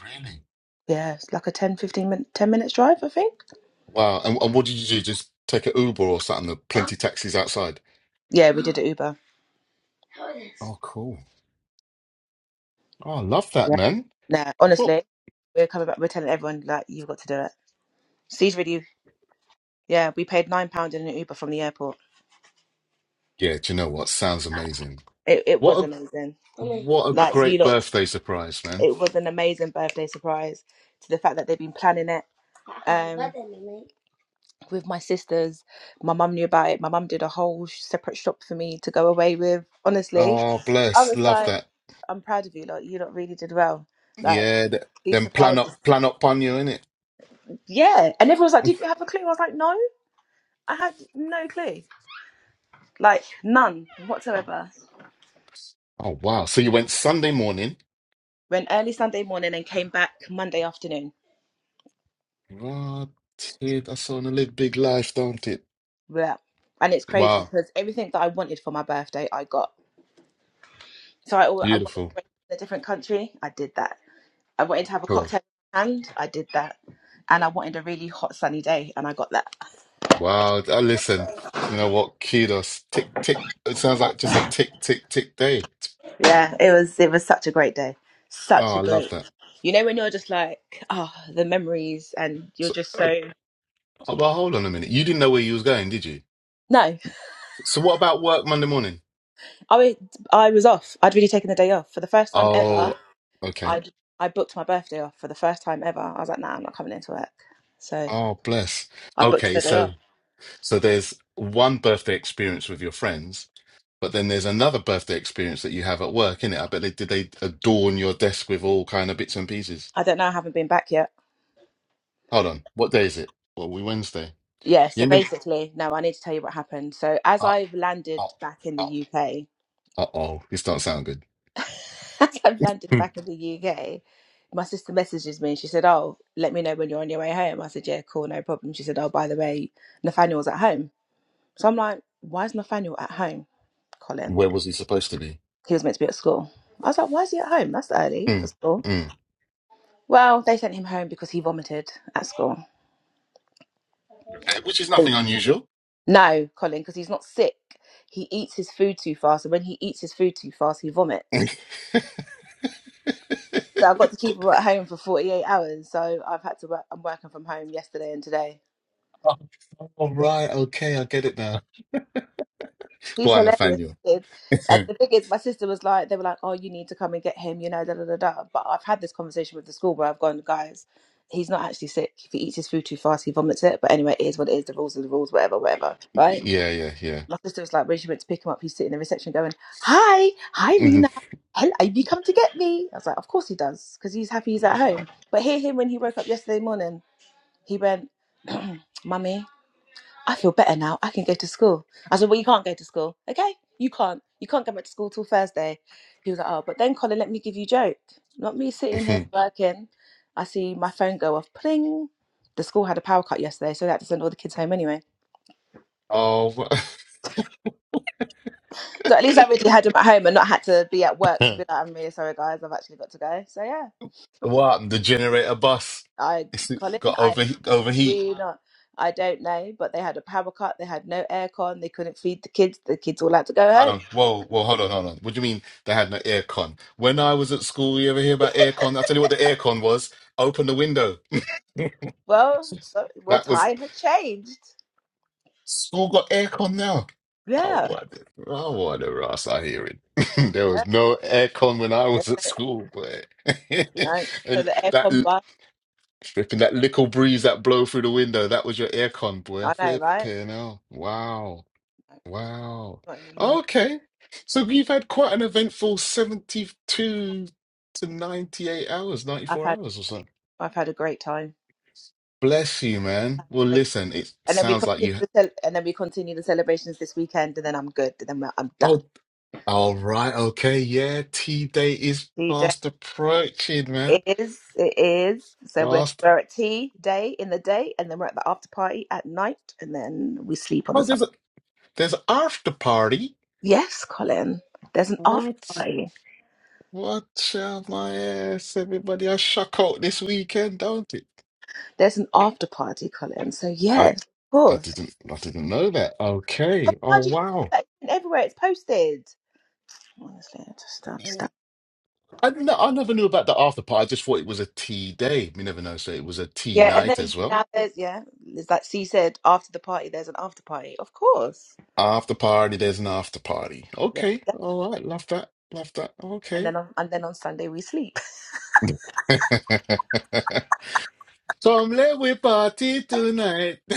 Speaker 2: Really?
Speaker 1: Yeah, it's like a ten fifteen 15 minute, 10 minutes drive, I think.
Speaker 2: Wow. And, and what did you do? Just take an Uber or something? There are plenty taxis outside.
Speaker 1: Yeah, we did it Uber.
Speaker 2: Oh, cool. Oh, I love that,
Speaker 1: Yeah.
Speaker 2: man.
Speaker 1: Nah.
Speaker 2: Well,
Speaker 1: honestly, we're coming back. We're telling everyone like you've got to do it. Steve's really. Yeah, we paid nine pound in an Uber from the airport.
Speaker 2: yeah, do you know what? Sounds amazing.
Speaker 1: It it
Speaker 2: What
Speaker 1: was
Speaker 2: a
Speaker 1: amazing.
Speaker 2: what a
Speaker 1: Like you
Speaker 2: great
Speaker 1: lot.
Speaker 2: birthday surprise, man.
Speaker 1: it was an amazing birthday surprise to the fact that they've been planning it um, with my sisters. My mum knew about it. My mum did a whole sh- separate shop for me to go away with. Honestly,
Speaker 2: Oh,
Speaker 1: I
Speaker 2: bless.
Speaker 1: was
Speaker 2: Love
Speaker 1: like,
Speaker 2: that.
Speaker 1: I'm proud of you. Like, you lot really did well. Like,
Speaker 2: Yeah, th-
Speaker 1: these
Speaker 2: then plan
Speaker 1: surprises.
Speaker 2: up plan up on you, innit?
Speaker 1: Yeah. And everyone was like, Did you have a clue? I was like, No, I had no clue. Like, none whatsoever.
Speaker 2: Oh wow. So you went Sunday morning.
Speaker 1: Went early Sunday morning and came back Monday afternoon.
Speaker 2: Right. That's on a live big life, don't it?
Speaker 1: Yeah. And it's crazy
Speaker 2: Wow.
Speaker 1: because everything that I wanted for my birthday, I got. So I, al- I wanted
Speaker 2: Beautiful.
Speaker 1: to go to a different country. I did that. I wanted to have a
Speaker 2: Cool.
Speaker 1: cocktail in my hand. I did that. And I wanted a really hot sunny day, and I got that.
Speaker 2: Wow. I listen. You know what? Kudos. Tick, tick. It sounds like just a tick, tick, tick day.
Speaker 1: Yeah, it was it was such a great day. Such
Speaker 2: Oh,
Speaker 1: a
Speaker 2: I love
Speaker 1: great.
Speaker 2: that.
Speaker 1: You know when you're just like, oh, the memories, and you're
Speaker 2: So,
Speaker 1: just
Speaker 2: uh,
Speaker 1: so
Speaker 2: oh, well, hold on a minute. You didn't know where you was going, did you?
Speaker 1: no.
Speaker 2: So, what about work Monday morning?
Speaker 1: I was I was off. I'd really taken the day off for the first time ever.
Speaker 2: Oh, okay.
Speaker 1: I I booked my birthday off for the first time ever. I was like, nah, I'm not coming into work. So
Speaker 2: Oh, bless.
Speaker 1: I booked
Speaker 2: Okay,
Speaker 1: the day off.
Speaker 2: so so there's one birthday experience with your friends, but then there's another birthday experience that you have at work, innit? I bet they did they adorn your desk with all kind of bits and pieces.
Speaker 1: I don't know. I haven't been back yet.
Speaker 2: Hold on, what day is it? Well, we Wednesday.
Speaker 1: Yeah,
Speaker 2: You
Speaker 1: so
Speaker 2: ain't been.
Speaker 1: basically, no, I need to tell you what happened. So, as
Speaker 2: Oh,
Speaker 1: I've landed
Speaker 2: oh,
Speaker 1: back in
Speaker 2: oh.
Speaker 1: the UK,
Speaker 2: uh oh, this don't sound good.
Speaker 1: as I've landed
Speaker 2: Hmm.
Speaker 1: back in the UK, my sister messages me and she said, Oh, let me know when you're on your way home. I said, Yeah, cool, no problem. She said, Oh, by the way, Nathaniel's at home. So I'm like, Why is Nathaniel at home, Colin?
Speaker 2: Where was he supposed to be?
Speaker 1: He was meant to be at school. I was like, Why is he at home? That's early
Speaker 2: Hmm.
Speaker 1: for school.
Speaker 2: Hmm.
Speaker 1: Well, they sent him home because he vomited at school.
Speaker 2: Okay, Which is nothing unusual.
Speaker 1: No, Colin, because he's not sick. He eats his food too fast, and when he eats his food too fast, he vomits. So I've got to keep him at home for 48 hours. So I've had to work, I'm working from home yesterday and today.
Speaker 2: oh, all right, okay, I get it now. Go
Speaker 1: He's
Speaker 2: on,
Speaker 1: hilarious.
Speaker 2: Nathaniel.
Speaker 1: kid. And
Speaker 2: yeah,
Speaker 1: the thing is, my sister was like, they were like, oh, you need to come and get him, you know, da da da da. But I've had this conversation with the school where I've gone, guys, he's not actually sick. If he eats his food too fast, he vomits it. But anyway, it is what it is. The rules are the rules, whatever, whatever. Right?
Speaker 2: yeah, yeah.
Speaker 1: My sister was like, when she went to pick him up, he's sitting in the reception going, hi, hi,
Speaker 2: Mhm,
Speaker 1: Rena. Hello, have you come to get me? I was like, of course he does, because he's happy he's at home. But hear him when he woke up yesterday morning. He went, Mummy, I feel better now. I can go to school. I said, Well, you can't go to school. Okay, you can't. You can't go back to school till Thursday. He was like, Oh, but then Colin, let me give you a joke. Not me sitting here
Speaker 2: mhm.
Speaker 1: working. I see my phone go off. Pling. The school had a power cut yesterday, so they had to send all the kids home anyway.
Speaker 2: oh, what?
Speaker 1: So at least I really had them at home and not had to be at work to be like, I'm really sorry, guys. I've actually got to go. So yeah,
Speaker 2: what happened? The generator bus
Speaker 1: I,
Speaker 2: it's it
Speaker 1: Colin,
Speaker 2: got
Speaker 1: I
Speaker 2: overheat. Overheat.
Speaker 1: do not. I don't know, but they had a power cut. They had no aircon. They couldn't feed the kids. The kids all had to go
Speaker 2: Hold
Speaker 1: home.
Speaker 2: on. Whoa, whoa. Hold on, hold on. What do you mean they had no aircon? When I was at school, you ever hear about aircon? I'll tell you what the aircon was. Open the window.
Speaker 1: Well, so well,
Speaker 2: That was
Speaker 1: time had changed.
Speaker 2: School got aircon now. I
Speaker 1: Yeah,
Speaker 2: wonder, I wonder, Ross. I hear it. There
Speaker 1: yeah.
Speaker 2: was no aircon when I
Speaker 1: That's
Speaker 2: was at
Speaker 1: it.
Speaker 2: school, but
Speaker 1: No, so
Speaker 2: and
Speaker 1: the aircon
Speaker 2: that
Speaker 1: bus.
Speaker 2: flipping that little breeze that blow through the window, that was your aircon, boy.
Speaker 1: I know, right?
Speaker 2: Flipping hell. Wow.
Speaker 1: No,
Speaker 2: Wow.
Speaker 1: not anymore.
Speaker 2: Okay. So you've had quite an eventful 72 to 98 hours,
Speaker 1: I've
Speaker 2: 94
Speaker 1: had
Speaker 2: hours or so.
Speaker 1: I've had a great time.
Speaker 2: Bless you, man. Well,
Speaker 1: Great.
Speaker 2: listen, it
Speaker 1: And then we
Speaker 2: sounds like
Speaker 1: continue
Speaker 2: you.
Speaker 1: the cel- and then we continue the celebrations this weekend, and then I'm good. And then we're- I'm done.
Speaker 2: Oh. All right, okay, yeah. Tea day is
Speaker 1: Tea day
Speaker 2: fast approaching, man.
Speaker 1: is it is. So we're
Speaker 2: Fast.
Speaker 1: we're at tea day in the day, and then we're at the after party at night, and then we sleep on the
Speaker 2: Oh,
Speaker 1: Sunday.
Speaker 2: there's a there's an after party.
Speaker 1: Yes, Colin. There's an after
Speaker 2: What?
Speaker 1: party.
Speaker 2: What? out my ass, everybody! I shock out this weekend, don't it?
Speaker 1: There's an after party, Colin. So
Speaker 2: I
Speaker 1: yes, of
Speaker 2: I
Speaker 1: course.
Speaker 2: didn't I didn't know that.
Speaker 1: Oh,
Speaker 2: Okay. Oh
Speaker 1: how do you know
Speaker 2: wow.
Speaker 1: that? It's been everywhere. It's posted. Honestly, I just don't
Speaker 2: You-
Speaker 1: understand.
Speaker 2: I n- I never knew about the after party. I just thought it was a tea day. You never know. So it was a tea
Speaker 1: Yeah, and
Speaker 2: night
Speaker 1: then
Speaker 2: as well.
Speaker 1: now there's yeah, there's like C said after the party, there's an after party, of course.
Speaker 2: After party, there's an after party.
Speaker 1: Yeah,
Speaker 2: Okay.
Speaker 1: yeah.
Speaker 2: All right. Love that. Love that.
Speaker 1: and
Speaker 2: Okay.
Speaker 1: then on, and then on Sunday we sleep.
Speaker 2: Come let we party tonight.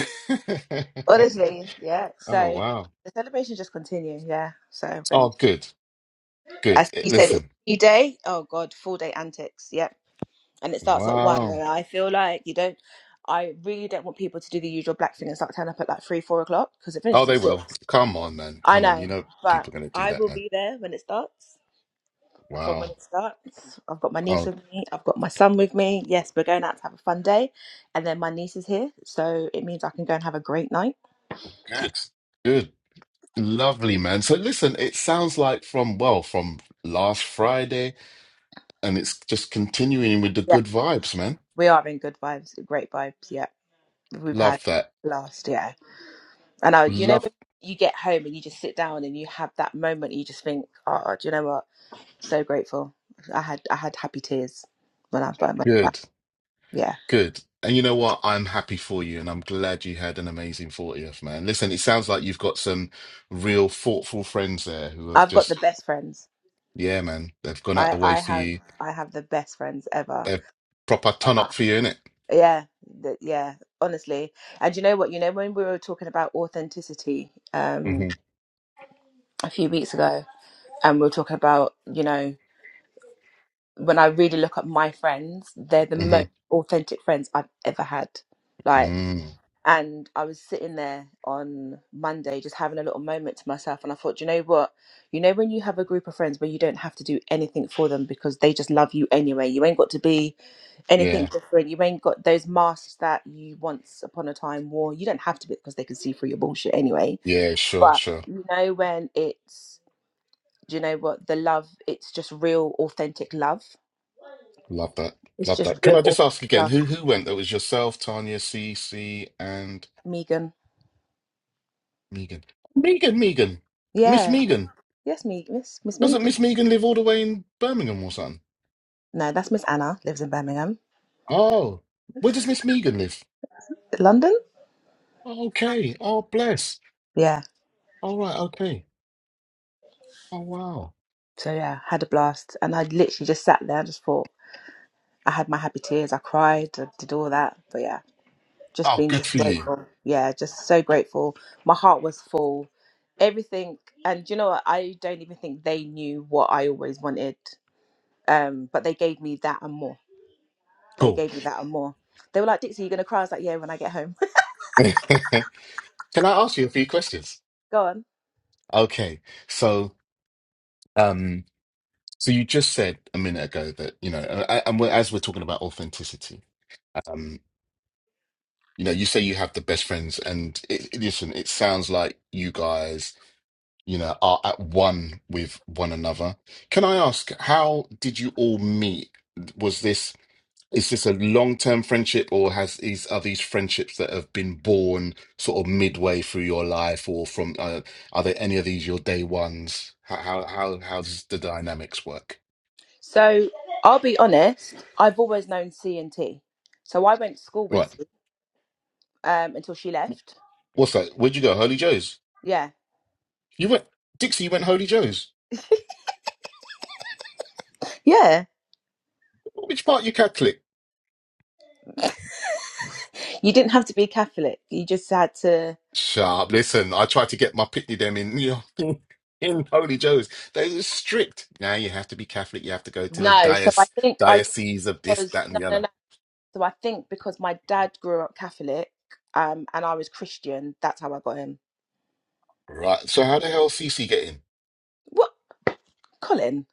Speaker 1: Honestly, yeah.
Speaker 2: oh
Speaker 1: So
Speaker 2: wow.
Speaker 1: the celebrations just continue. Yeah. So
Speaker 2: Oh
Speaker 1: when
Speaker 2: good. Good.
Speaker 1: as
Speaker 2: Eh,
Speaker 1: you said, it's
Speaker 2: Listen.
Speaker 1: a new day. Oh God, full day antics. Yeah, and it starts at one. And
Speaker 2: Wow.
Speaker 1: I feel like you don't. I really don't want people to do the usual black thing and start turning up at like three, four o'clock because it
Speaker 2: Oh
Speaker 1: finishes at
Speaker 2: they
Speaker 1: six.
Speaker 2: will. Come on, man.
Speaker 1: I
Speaker 2: Come on.
Speaker 1: know,
Speaker 2: You know
Speaker 1: but
Speaker 2: people are gonna do
Speaker 1: I
Speaker 2: that,
Speaker 1: will
Speaker 2: man.
Speaker 1: be there when it starts. From when
Speaker 2: Wow.
Speaker 1: it starts, I've got my niece
Speaker 2: Oh
Speaker 1: with me. I've got my son with me. Yes, we're going out to have a fun day, and then my niece is here, so it means I can go and have a great night.
Speaker 2: good. Good. Lovely man. So listen, it sounds like from well, from last Friday, and it's just continuing with the
Speaker 1: Yeah,
Speaker 2: good vibes, man.
Speaker 1: we are in good vibes, great vibes. Yeah, we've had
Speaker 2: Love that.
Speaker 1: last yeah. And I, you know,
Speaker 2: Love
Speaker 1: when you get home and you just sit down and you have that moment, you just think, oh, do you know what? So grateful. I had I had happy tears when I was by my
Speaker 2: good.
Speaker 1: Yeah,
Speaker 2: Good. And you know what? I'm happy for you, and I'm glad you had an amazing 40th, man. Listen, it sounds like you've got some real thoughtful friends there who have
Speaker 1: I've got the
Speaker 2: just,
Speaker 1: best friends.
Speaker 2: yeah, man, they've gone out
Speaker 1: I
Speaker 2: the way
Speaker 1: I
Speaker 2: for
Speaker 1: have
Speaker 2: you.
Speaker 1: I have the best friends ever.
Speaker 2: They've proper ton up
Speaker 1: ever.
Speaker 2: for you, innit?
Speaker 1: Yeah, th- yeah, honestly. And you know what? You know when we were talking about authenticity um
Speaker 2: Mm-hmm.
Speaker 1: a few weeks ago, and we were talking about you know when I really look at my friends, they're the most
Speaker 2: Mm-hmm.
Speaker 1: authentic friends I've ever had. Like,
Speaker 2: Mm.
Speaker 1: and I was sitting there on Monday just having a little moment to myself, and I thought, you know what? You know when you have a group of friends where you don't have to do anything for them because they just love you anyway. You ain't got to be anything
Speaker 2: Yeah.
Speaker 1: different. You ain't got those masks that you once upon a time wore. You don't have to because they can see through your bullshit anyway.
Speaker 2: Yeah, sure,
Speaker 1: But
Speaker 2: sure.
Speaker 1: you know when it's do you know what the love? It's just real, authentic love.
Speaker 2: Love that.
Speaker 1: It's
Speaker 2: Love
Speaker 1: just
Speaker 2: that. Can
Speaker 1: real,
Speaker 2: I just ask
Speaker 1: authentic
Speaker 2: again,
Speaker 1: love.
Speaker 2: who who went? That was yourself, Tanya, CC, and
Speaker 1: Megan,
Speaker 2: Megan. Megan, Megan. Miss
Speaker 1: yeah,
Speaker 2: Megan.
Speaker 1: yes, me, Miss Miss
Speaker 2: Doesn't
Speaker 1: Megan.
Speaker 2: Miss Megan live all the way in Birmingham or something?
Speaker 1: No, that's Miss Anna. Lives in Birmingham,
Speaker 2: Oh. Where does Miss Megan live?
Speaker 1: London.
Speaker 2: Okay. Oh, bless.
Speaker 1: Yeah.
Speaker 2: All right. Okay. Oh, wow.
Speaker 1: So yeah, had a blast, and I literally just sat there. and just thought I had my happy tears. I cried. I did all that. But yeah. just
Speaker 2: Oh,
Speaker 1: being,
Speaker 2: good
Speaker 1: just
Speaker 2: for you.
Speaker 1: grateful. Yeah, just so grateful. My heart was full. Everything and you know what? I don't even think they knew what I always wanted. Um, but they gave me that and more. They
Speaker 2: Cool.
Speaker 1: gave me that and more. They were like, Dixie, you're gonna cry. I was like, Yeah, when I get home.
Speaker 2: Can I ask you a few questions?
Speaker 1: Go on.
Speaker 2: Okay. So, um, so you just said a minute ago that, you know, I, and we're, as we're talking about authenticity, um, you know, you say you have the best friends, and it, it- listen, it sounds like you guys, you know, are at one with one another. Can I ask, how did you all meet? Was this is this a long-term friendship or has these are these friendships that have been born sort of midway through your life or from uh, are there any of these your day ones how how how how does the dynamics work
Speaker 1: So I'll be honest, I've always known C and T. So I went to school with
Speaker 2: right
Speaker 1: C um until she left.
Speaker 2: what's that where'd you go holy joe's
Speaker 1: Yeah.
Speaker 2: you went dixie you went holy joe's
Speaker 1: Yeah.
Speaker 2: which part you catholic
Speaker 1: You didn't have to be Catholic. You just had to
Speaker 2: sharp listen i tried to get my pitney them in you know, in holy joe's they were strict now you have to be catholic you have to go to the
Speaker 1: No, so I
Speaker 2: diocese
Speaker 1: think I got
Speaker 2: diocese
Speaker 1: it
Speaker 2: of this
Speaker 1: because
Speaker 2: that and
Speaker 1: no,
Speaker 2: the
Speaker 1: no,
Speaker 2: other
Speaker 1: no. So I think because my dad grew up Catholic, um, and I was Christian. That's how I got him.
Speaker 2: right so how the hell cc get in
Speaker 1: What, Colin?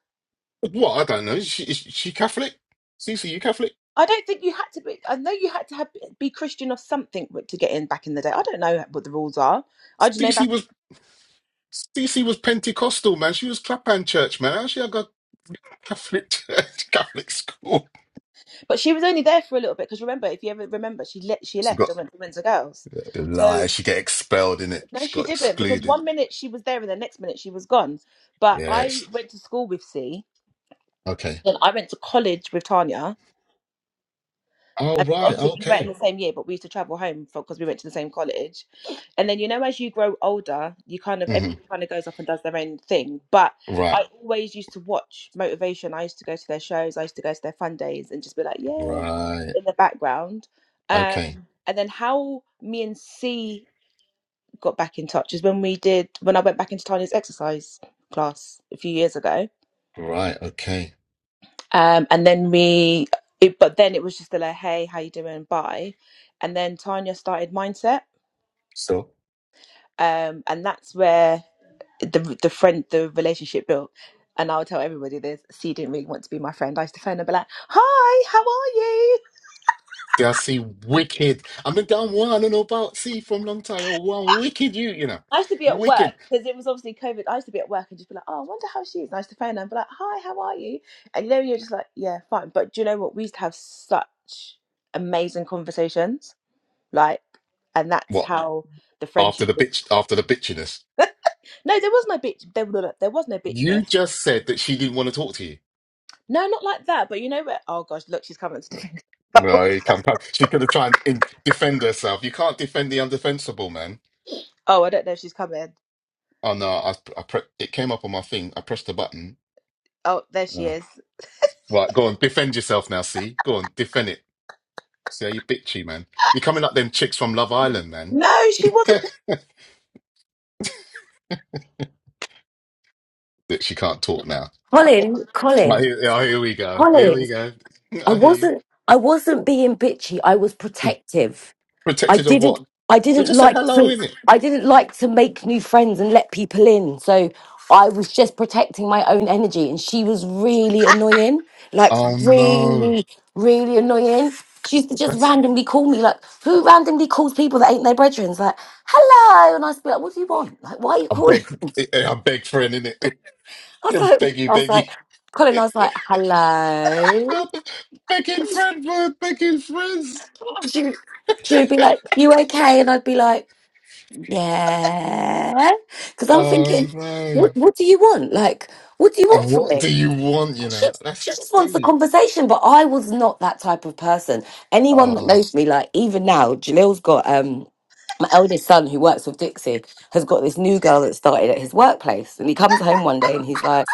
Speaker 2: What I don't know. Is she, is she Catholic? Cece, you Catholic?
Speaker 1: I don't think you had to be. I know you had to have, be Christian or something w- to get in back in the day. I don't know what the rules are. I just know
Speaker 2: Cece
Speaker 1: that.
Speaker 2: was Cece was Pentecostal, man. She was Clapham Church, man. How she had got Catholic church, Catholic school?
Speaker 1: But she was only there for a little bit because remember, if you ever remember, she le- she
Speaker 2: She
Speaker 1: left
Speaker 2: got
Speaker 1: and went to Windsor Girls. So
Speaker 2: lies. She get expelled in it.
Speaker 1: no,
Speaker 2: She
Speaker 1: she
Speaker 2: got
Speaker 1: didn't because
Speaker 2: excluded.
Speaker 1: one minute she was there and the next minute she was gone. But I
Speaker 2: Yes.
Speaker 1: went to school with C.
Speaker 2: Okay.
Speaker 1: Then I went to college with Tanya
Speaker 2: Oh
Speaker 1: and
Speaker 2: right.
Speaker 1: obviously we weren't in
Speaker 2: Okay.
Speaker 1: the same year, but we used to travel home for because we went to the same college. And then you know, as you grow older, you kind of
Speaker 2: hmm
Speaker 1: everybody kind of goes off and does their own thing. But
Speaker 2: Right.
Speaker 1: I always used to watch Motivation. I used to go to their shows. I used to go to their fun days and just be like, yay,
Speaker 2: Right.
Speaker 1: in the background. Um,
Speaker 2: Okay.
Speaker 1: and then how me and C got back in touch is when we did when I went back into Tanya's exercise class a few years ago
Speaker 2: Right. Okay.
Speaker 1: um, and then we it, but then it was just a like hey how you doing bye and then tanya started mindset
Speaker 2: So.
Speaker 1: um, and that's where the the friend the relationship built and i'll tell everybody this c didn't really want to be my friend i used to phone her and be like hi how are you
Speaker 2: See, I see wicked. I've been down one I don't know about see from long time. Oh, one wicked you, you know.
Speaker 1: I used to be at work
Speaker 2: Wicked.
Speaker 1: because it was obviously COVID. I used to be at work and just be like, "Oh, I wonder how she is." And I used to phone her and be like, "Hi, how are you?" And you know, you're just like, "Yeah, fine." But do you know what? We used to have such amazing conversations, like, and that's
Speaker 2: What?
Speaker 1: how the
Speaker 2: after
Speaker 1: friendship.
Speaker 2: the bitch after the bitchiness.
Speaker 1: No, there was no bitch. There, no, no, there was no
Speaker 2: You
Speaker 1: bitchiness.
Speaker 2: just said that she didn't want to talk to you.
Speaker 1: No, not like that. But you know where? Oh gosh, look, she's coming.
Speaker 2: No, you can't. can't- She could have tried and in- defend herself. You can't defend the undefensible, man.
Speaker 1: oh, I don't know if she's coming.
Speaker 2: Oh no, I, I pre- it came up on my thing. I pressed the button.
Speaker 1: Oh, there she
Speaker 2: Oh.
Speaker 1: is.
Speaker 2: Right, go on, defend yourself now. See, go on, defend it. See how you bitchy, man. You're coming up them chicks from Love Island, man.
Speaker 1: No, she wasn't.
Speaker 2: that she can't talk now.
Speaker 3: Colin,
Speaker 2: Right,
Speaker 3: Colin,
Speaker 2: here, oh, here we go. Here
Speaker 3: Colin.
Speaker 2: we go.
Speaker 3: I
Speaker 2: I hear you.
Speaker 3: wasn't I wasn't being bitchy. I was protective. I
Speaker 2: Protected of what?
Speaker 3: didn't I
Speaker 2: You
Speaker 3: didn't
Speaker 2: just say
Speaker 3: like
Speaker 2: hello,
Speaker 3: to
Speaker 2: innit?
Speaker 3: I didn't like to make new friends and let people in. So I was just protecting my own energy and she was really annoying. Like
Speaker 2: Oh no.
Speaker 3: really, really annoying. She used to just randomly call me like, who randomly calls people that ain't their brethren? It's Like, hello. And I used to be like, what do you want? Like, why are you
Speaker 2: A
Speaker 3: calling?
Speaker 2: big, a big friend in it.
Speaker 3: I was like,
Speaker 2: Biggie,
Speaker 3: I was like,
Speaker 2: biggie.
Speaker 3: Colin, I was like, hello.
Speaker 2: Making friends with making friends.
Speaker 3: She, would- she would be like, "You okay?" And I'd be like, "Yeah," because I'm
Speaker 2: Oh
Speaker 3: thinking,
Speaker 2: no.
Speaker 3: "What what do you want? Like, what do you
Speaker 2: Uh,
Speaker 3: want from
Speaker 2: What
Speaker 3: me?"
Speaker 2: do you want, you
Speaker 3: She
Speaker 2: know? That's
Speaker 3: she just wants the
Speaker 2: deep.
Speaker 3: conversation, but I was not that type of person. Anyone that
Speaker 2: Uh,
Speaker 3: knows me, like even now, Jalil's got um my eldest son who works with Dixie has got this new girl that started at his workplace, and he comes home one day and he's like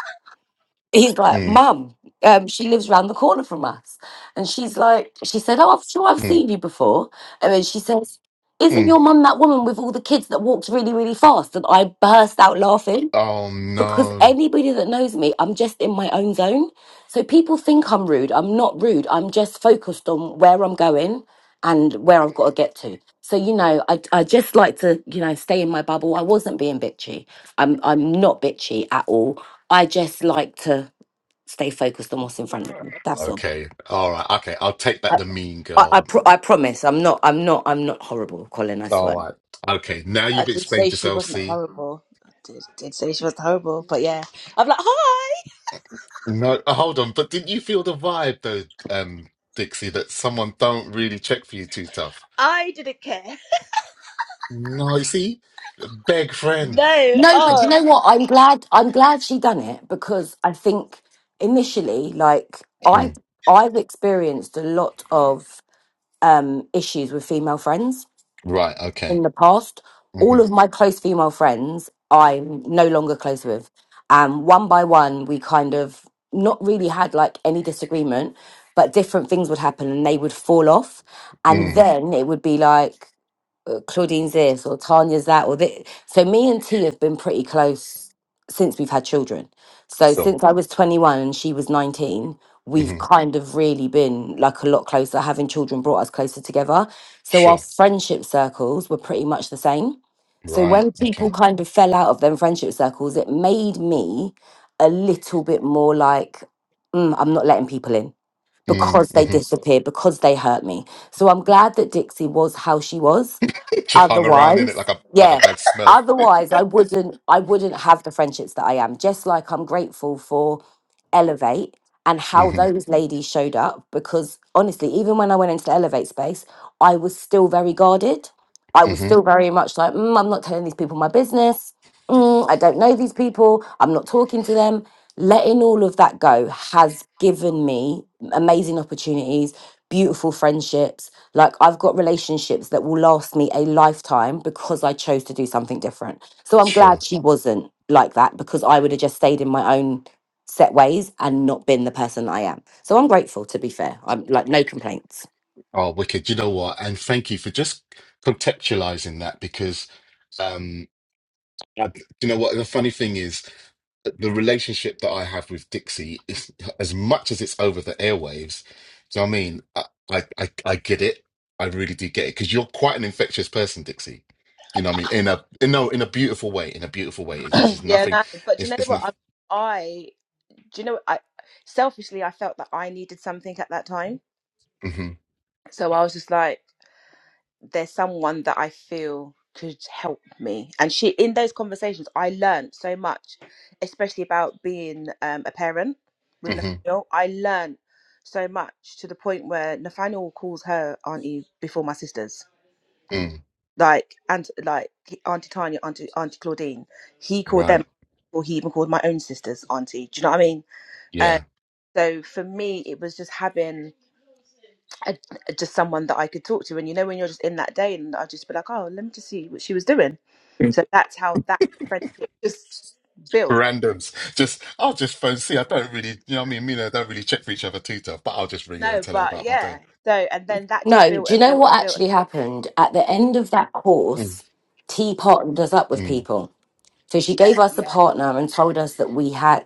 Speaker 3: he's like,
Speaker 2: mm,
Speaker 3: Mum, um, she lives round the corner from us. And she's like, she said, Oh, I'm sure I've
Speaker 2: mm,
Speaker 3: seen you before. And then she says, Isn't
Speaker 2: mm.
Speaker 3: your mum that woman with all the kids that walked really, really fast? And I burst out laughing
Speaker 2: Oh
Speaker 3: because
Speaker 2: no.
Speaker 3: anybody that knows me, I'm just in my own zone. So people think I'm rude. I'm not rude. I'm just focused on where I'm going and where I've got to get to. So, you know, I, I just like to, you know, stay in my bubble. I wasn't being bitchy. I'm, I'm not bitchy at all. I just like to stay focused on what's in front of you. That's all.
Speaker 2: Okay. All right. Okay. I'll take that
Speaker 3: I,
Speaker 2: the mean
Speaker 3: I, I,
Speaker 2: girl.
Speaker 3: pro- I promise. I'm not. I'm not. I'm not horrible, Colin. I
Speaker 2: All
Speaker 3: swear.
Speaker 2: right. Okay. Now
Speaker 1: I
Speaker 2: you've
Speaker 1: did say
Speaker 2: explained
Speaker 1: she
Speaker 2: yourself,
Speaker 1: wasn't
Speaker 2: see?
Speaker 1: horrible. I did, did say she wasn't horrible. But yeah, I'm like, hi.
Speaker 2: No, uh, hold on. But didn't you feel the vibe though, um, Dixie, that someone don't really check for you too tough?
Speaker 1: I didn't care.
Speaker 2: No, you see, beg friend.
Speaker 1: No.
Speaker 3: No, but you
Speaker 1: Oh.
Speaker 3: know what? I'm glad. I'm glad she done it because I think initially, like I,
Speaker 2: Mm,
Speaker 3: I've experienced a lot of um issues with female friends
Speaker 2: right. Okay.
Speaker 3: in the past.
Speaker 2: hmm
Speaker 3: All of my close female friends, I'm no longer close with. Um, one by one, we kind of not really had like any disagreement, but different things would happen and they would fall off. And
Speaker 2: Mm,
Speaker 3: then it would be like, Claudine's this or Tanya's that or this. So me and T have been pretty close since we've had children. So
Speaker 2: so,
Speaker 3: since I was 21 and she was 19, we've
Speaker 2: hmm
Speaker 3: kind of really been like a lot closer. Having children brought us closer together. So our
Speaker 2: sure.
Speaker 3: friendship circles were pretty much the same. So
Speaker 2: Right.
Speaker 3: when people
Speaker 2: Okay.
Speaker 3: kind of fell out of them friendship circles, it made me a little bit more like, "Mm, I'm not letting people in
Speaker 2: Mm,
Speaker 3: because they
Speaker 2: hmm
Speaker 3: disappeared, because they hurt me. So I'm glad that Dixie was how she was
Speaker 2: she hung around in it like
Speaker 3: otherwise
Speaker 2: a like a
Speaker 3: yeah
Speaker 2: bad smell.
Speaker 3: otherwise i wouldn't i wouldn't have the friendships that i am just like i'm grateful for elevate and how
Speaker 2: hmm
Speaker 3: those ladies showed up because honestly even when i went into the elevate space i was still very guarded i was
Speaker 2: hmm
Speaker 3: still very much like mm, i'm not telling these people my business mm, I don't know these people, I'm not talking to them. Letting all of that go has given me amazing opportunities, beautiful friendships. Like, I've got relationships that will last me a lifetime because I chose to do something different. So, I'm glad
Speaker 2: Sure.
Speaker 3: she wasn't like that because I would have just stayed in my own set ways and not been the person I am. So, I'm grateful, to be fair. I'm like, no complaints.
Speaker 2: Oh, wicked. You know what? And thank you for just contextualizing that because um, I, you know what? The funny thing is. the relationship that I have with Dixie is as much as it's over the airwaves. Do you know what I mean? I I I, I get it. I really do get it because you're quite an infectious person, Dixie. You know what I mean? In a in no in a beautiful way. In a beautiful way. It's, this is
Speaker 1: yeah.
Speaker 2: nothing.
Speaker 1: No. But do you
Speaker 2: It's
Speaker 1: know
Speaker 2: it's nothing.
Speaker 1: what? I, I do you know? what? I selfishly I felt that I needed something at that time.
Speaker 2: hmm
Speaker 1: So I was just like. there's someone that I feel could help me. And she, in those conversations, I learned so much, especially about being um, a parent with
Speaker 2: hmm
Speaker 1: Nathaniel. I learned so much to the point where Nathaniel calls her auntie before my sisters,
Speaker 2: mm,
Speaker 1: like and like Auntie Tanya, Auntie Auntie Claudine. He called them,
Speaker 2: right.
Speaker 1: or he even called my own sisters auntie. Do you know what I mean? Um,
Speaker 2: Yeah.
Speaker 1: so for me, it was just having a, just someone that I could talk to. And you know, when you're just in that day, and I'd just be like, oh, let me just see what she was doing. So that's how that friendship just built.
Speaker 2: Randoms. Just I'll just phone see. I don't really. You know what I mean? Me and her don't really check for each other too tough. But I'll just ring her and
Speaker 1: No,
Speaker 2: tell her
Speaker 1: but
Speaker 2: about my
Speaker 1: yeah.
Speaker 2: day.
Speaker 1: So and then that just
Speaker 3: No,
Speaker 1: built
Speaker 3: do you
Speaker 1: and
Speaker 3: know
Speaker 1: built
Speaker 3: what
Speaker 1: and built.
Speaker 3: actually happened? At the end of that
Speaker 2: Mm,
Speaker 3: course, T partnered us up with
Speaker 2: mm.
Speaker 3: people. So she gave us a
Speaker 1: Yeah,
Speaker 3: partner and told us that we had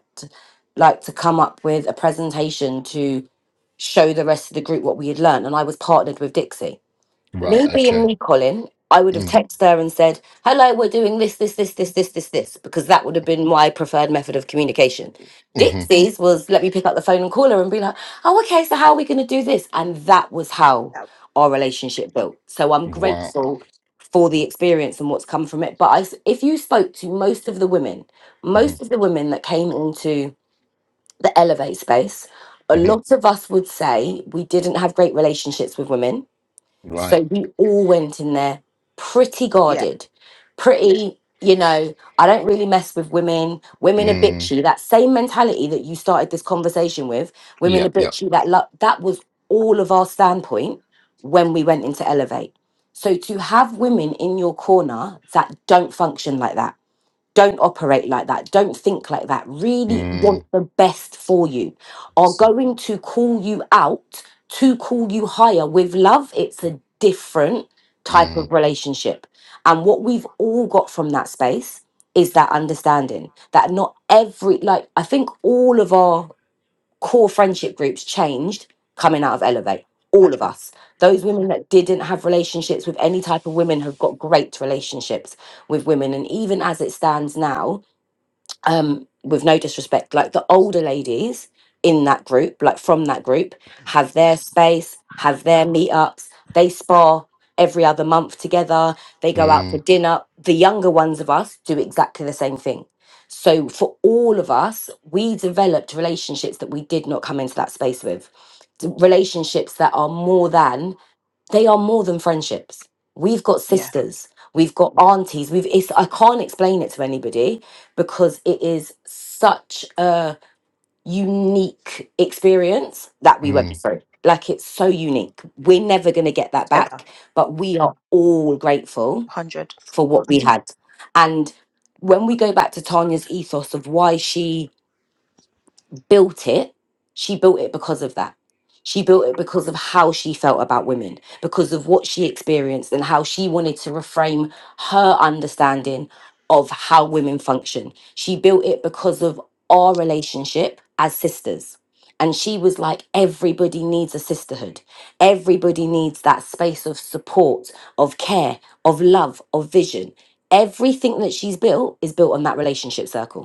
Speaker 3: like to come up with a presentation to show the rest of the group what we had learned. And I was partnered with Dixie
Speaker 2: Right.
Speaker 3: me being
Speaker 2: Okay.
Speaker 3: me, Colin, I would have
Speaker 2: Mm,
Speaker 3: texted her and said, "Hello, we're doing this, this, this, this, this, this, this," because that would have been my preferred method of communication.
Speaker 2: hmm
Speaker 3: Dixie's was let me pick up the phone and call her and be like, "Oh, okay, so how are we going to do this?" And that was how
Speaker 1: that,
Speaker 3: our relationship built. So I'm
Speaker 2: Wow.
Speaker 3: grateful for the experience and what's come from it. But I s if you spoke to most of the women,
Speaker 2: hmm
Speaker 3: most of the women that came into the elevate space. A
Speaker 2: hmm
Speaker 3: lot of us would say we didn't have great relationships with women so
Speaker 2: Right.
Speaker 3: we all went in there pretty
Speaker 1: yeah,
Speaker 3: guarded, pretty, you know, I don't really mess with women. Women are
Speaker 2: Mm.
Speaker 3: bitchy. That same mentality that you started this conversation with, women are
Speaker 2: Yep. Yep.
Speaker 3: bitchy, that lo- that was all of our standpoint when we went into Elevate. So to have women in your corner that don't function like that don't operate like that don't think like that really want
Speaker 2: Mm.
Speaker 3: the best for you are
Speaker 2: So-
Speaker 3: going to call you out to call you higher with love it's a different type
Speaker 2: Mm.
Speaker 3: of relationship and what we've all got from that space is that understanding that not every like i think all of our core friendship groups changed coming out of Elevate. All
Speaker 1: hundred
Speaker 3: of
Speaker 1: percent.
Speaker 3: us. Those women that didn't have relationships with any type of women have got great relationships with women. And even as it stands now, um, with no disrespect, like the older ladies in that group, like from that group, have their space, have their meetups, they spar every other month together, they go out for
Speaker 2: Mm.
Speaker 3: dinner. The younger ones of us do exactly the same thing. So for all of us, we developed relationships that we did not come into that space with, d- relationships that are more than they are more than friendships. We've got
Speaker 1: Yeah,
Speaker 3: sisters, we've got aunties. We've it's, I can't explain it to anybody because it is such a unique experience that we went
Speaker 2: Mm.
Speaker 3: through. Like it's so unique. We're never going to get that
Speaker 1: ever
Speaker 3: back, but we are all grateful
Speaker 1: hundred.
Speaker 3: for what we had. And when we go back to Tanya's ethos of why she built it, she built it because of that. She built it because of how she felt about women, because of what she experienced and how she wanted to reframe her understanding of how women function. She built it because of our relationship as sisters. And she was like, everybody needs a sisterhood. Everybody needs that space of support, of care, of love, of vision. Everything that she's built is built on that relationship circle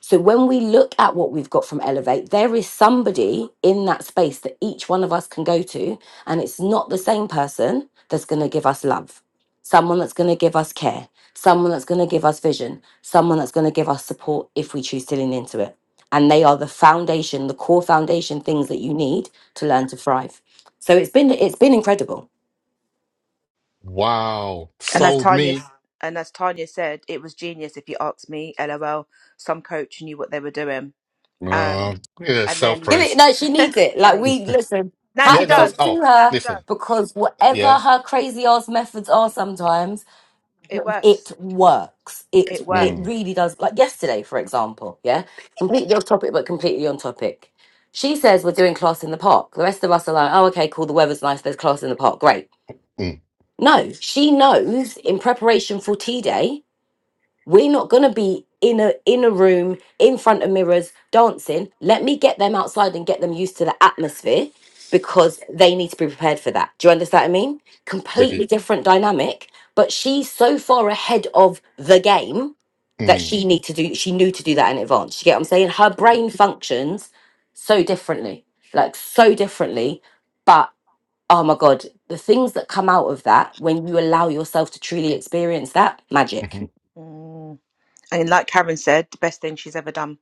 Speaker 3: so when we look at what we've got from Elevate, there is somebody in that space that each one of us can go to, and it's not the same person that's going to give us love, someone that's going to give us care, someone that's going to give us vision, someone that's going to give us support if we choose to lean into it. And they are the foundation, the core foundation things that you need to learn to thrive. So it's been it's been incredible.
Speaker 2: Wow.
Speaker 1: And as
Speaker 2: Sold
Speaker 1: Tanya,
Speaker 2: me.
Speaker 1: and as Tanya said, it was genius. If you ask me, lol. Some coach knew what they were doing. Um,
Speaker 2: Uh, yeah.
Speaker 1: and
Speaker 2: Self
Speaker 1: then,
Speaker 3: Give it
Speaker 2: praise.
Speaker 3: No, she
Speaker 1: and
Speaker 3: needs it. Like
Speaker 1: then
Speaker 3: we listen,
Speaker 1: now she
Speaker 2: Yeah.
Speaker 3: hats
Speaker 2: No.
Speaker 3: off
Speaker 1: does.
Speaker 3: to
Speaker 2: Oh,
Speaker 1: Now
Speaker 3: her
Speaker 1: she does.
Speaker 2: listen.
Speaker 3: because whatever
Speaker 2: Yeah.
Speaker 3: her crazy ass methods are sometimes
Speaker 1: It works.
Speaker 3: it works. It
Speaker 1: It
Speaker 3: it
Speaker 1: works.
Speaker 2: Mm.
Speaker 3: really does. Like yesterday, for example, yeah, completely off topic, but completely on topic. She says we're doing class in the park. The rest of us are like, oh, okay, cool. The weather's nice. There's class in the park. Great.
Speaker 2: Mm.
Speaker 3: No, she knows in preparation for tea day. We're not gonna be in a in a room in front of mirrors dancing. Let me get them outside and get them used to the atmosphere because they need to be prepared for that. Do you understand what I mean?
Speaker 2: With you.
Speaker 3: Completely different dynamic, but she's so far ahead of the game that
Speaker 2: Mm.
Speaker 3: she need to do she knew to do that in advance. You get what I'm saying? Her brain functions so differently. Like so differently, but oh my god, the things that come out of that when you allow yourself to truly experience that magic.
Speaker 2: hmm
Speaker 1: Mm. And like Karen said, the best thing she's ever done.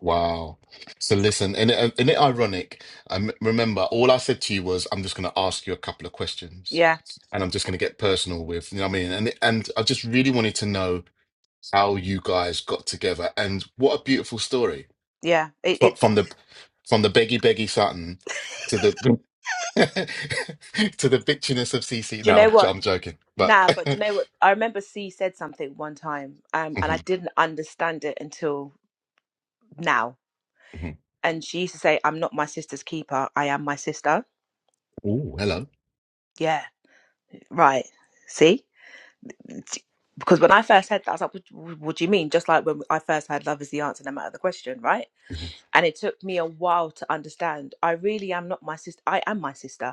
Speaker 2: Wow. So listen, and it, and it ironic. Um, remember, all I said to you was, I'm just going to ask you a couple of questions,
Speaker 1: Yeah,
Speaker 2: and I'm just going to get personal with. You know what I mean? And and I just really wanted to know how you guys got together, and what a beautiful story
Speaker 1: yeah. It,
Speaker 2: but
Speaker 1: it's
Speaker 2: from the from the beggy beggy Sutton to the to the bitchiness of CC.
Speaker 1: do you
Speaker 2: No,
Speaker 1: know
Speaker 2: I'm, j-
Speaker 1: what?
Speaker 2: I'm joking, but
Speaker 1: Nah, but do you know what? I remember C said something one time, um, and I
Speaker 2: Mhm,
Speaker 1: didn't understand it until now.
Speaker 2: mhm.
Speaker 1: And she used to say, "I'm not my sister's keeper. I am my sister."
Speaker 2: oh, hello.
Speaker 1: Yeah, right. See, because when I first had that, I was like, what, what do you mean? Just like when I first had love is the answer, no matter the question, right?
Speaker 2: Mhm,
Speaker 1: And it took me a while to understand. I really am not my sister. I am my sister.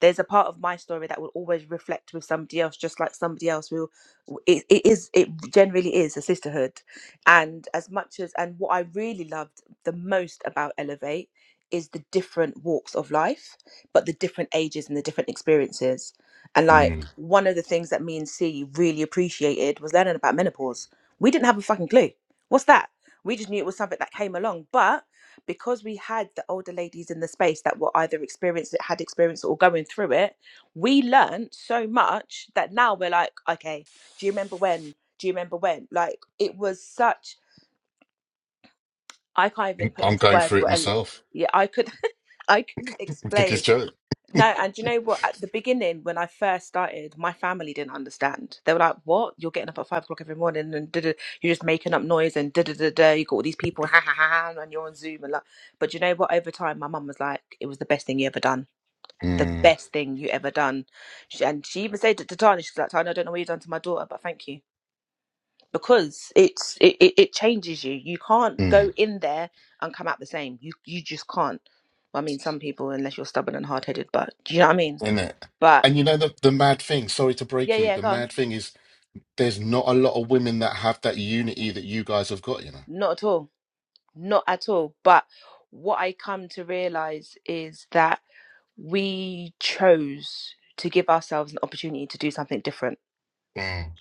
Speaker 1: there's a part of my story that will always reflect with somebody else just like somebody else will it, it is it generally is a sisterhood and as much as and what i really loved the most about elevate is the different walks of life but the different ages and the different experiences and like
Speaker 2: mm.
Speaker 1: one of the things that me and c really appreciated was learning about menopause we didn't have a fucking clue what's that we just knew it was something that came along but because we had the older ladies in the space that were either experienced had experience or going through it we learned so much that now we're like okay do you remember when do you remember when like it was such i can't even put
Speaker 2: I'm
Speaker 1: into
Speaker 2: going
Speaker 1: words
Speaker 2: through it
Speaker 1: what a-
Speaker 2: myself.
Speaker 1: yeah i could i couldn't
Speaker 2: Think
Speaker 1: explain
Speaker 2: it's joke,
Speaker 1: no, and do you know what? At the beginning, when I first started, my family didn't understand. They were like, "What? You're getting up at five o'clock every morning and da-da, you're just making up noise and da da da da. You got all these people, ha ha ha, ha, and you're on Zoom and like." But do you know what? Over time, my mum was like, "It was the best thing you ever done. The
Speaker 2: mm,
Speaker 1: best thing you ever done." She, and she even said it to Tanya, "She's like, Tanya, I don't know what you've done to my daughter, but thank you because it's it, it, it changes you. You can't go
Speaker 2: mm.
Speaker 1: in there and come out the same. You you just can't." Well, I mean, some people, unless you're stubborn and hard headed, but do you know what I mean?
Speaker 2: isn't it?
Speaker 1: But
Speaker 2: And you know the the mad thing. Sorry to
Speaker 1: yeah,
Speaker 2: break you.
Speaker 1: yeah,
Speaker 2: The
Speaker 1: go on.
Speaker 2: mad thing is there's not a lot of women that have that unity that you guys have got. You know.
Speaker 1: Not at all. Not at all. But what I come to realize is that we chose to give ourselves an opportunity to do something different.
Speaker 2: Mm,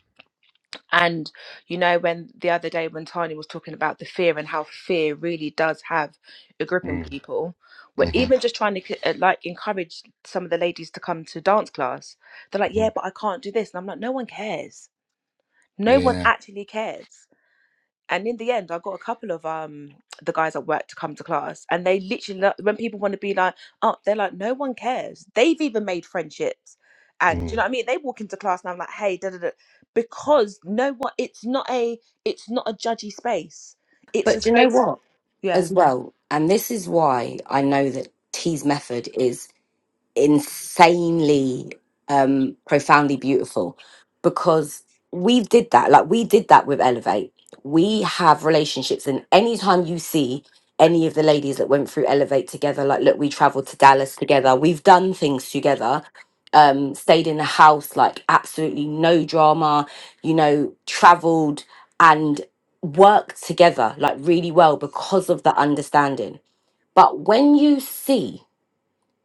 Speaker 1: And you know, when the other day when Tani was talking about the fear and how fear really does have a grip on
Speaker 2: mm,
Speaker 1: people, we're
Speaker 2: mhm,
Speaker 1: even just trying to uh, like encourage some of the ladies to come to dance class. They're like, "Yeah,
Speaker 2: mhm.
Speaker 1: but I can't do this," and I'm like, "No one cares. No one
Speaker 2: Yeah.
Speaker 1: actually cares." and in the end i got a couple of um the guys at work to come to class and they literally lo- when people want to be like oh they're like no one cares they've even made friendships and do you
Speaker 2: Mm,
Speaker 1: know what i mean they walk into class and i'm like hey da da da because no one it's not a it's not a judgy space it's a
Speaker 3: But do you know
Speaker 1: space
Speaker 3: what?
Speaker 1: yeah
Speaker 3: as well. And this is why I know that T's method is insanely um profoundly beautiful because we did that like we did that with elevate we have relationships and anytime you see any of the ladies that went through elevate together like look we traveled to dallas together we've done things together um stayed in a house like absolutely no drama you know traveled and worked together like really well because of the understanding but when you see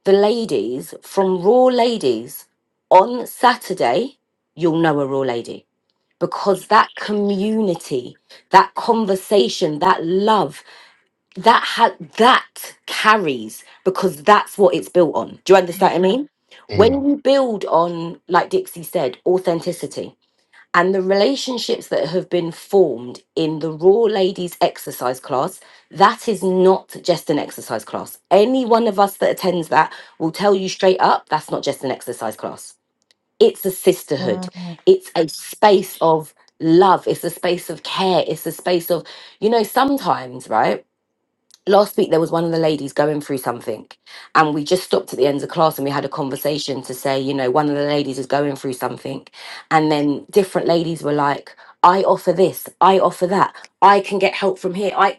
Speaker 3: the ladies from Raw Ladies on Saturday, you'll know a Raw Lady because that community, that conversation, that love, that ha- that carries because that's what it's built on. Do you understand
Speaker 1: Mm,
Speaker 3: what I mean? When
Speaker 2: mm,
Speaker 3: you build on, like Dixie said, authenticity and the relationships that have been formed in the Raw Ladies exercise class, that is not just an exercise class. Any one of us that attends that will tell you straight up that's not just an exercise class. It's a sisterhood,
Speaker 1: mm.
Speaker 3: it's a space of love, it's a space of care, it's a space of, you know, sometimes, right? last week there was one of the ladies going through something and we just stopped at the end of class and we had a conversation to say you know one of the ladies is going through something and then different ladies were like i offer this i offer that i can get help from here i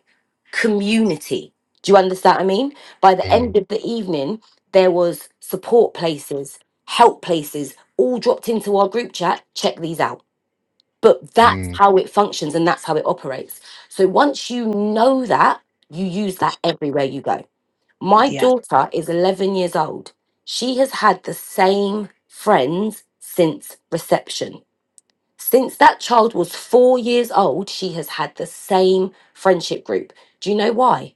Speaker 3: community do you understand what i mean by the
Speaker 2: mm,
Speaker 3: end of the evening there was support places help places all dropped into our group chat check these out but that's
Speaker 2: mm,
Speaker 3: how it functions and that's how it operates. So once you know that, you use that everywhere you go. My
Speaker 1: yeah
Speaker 3: daughter is 11 years old. She has had the same friends since reception. Since that child was four years old, she has had the same friendship group. Do you know why?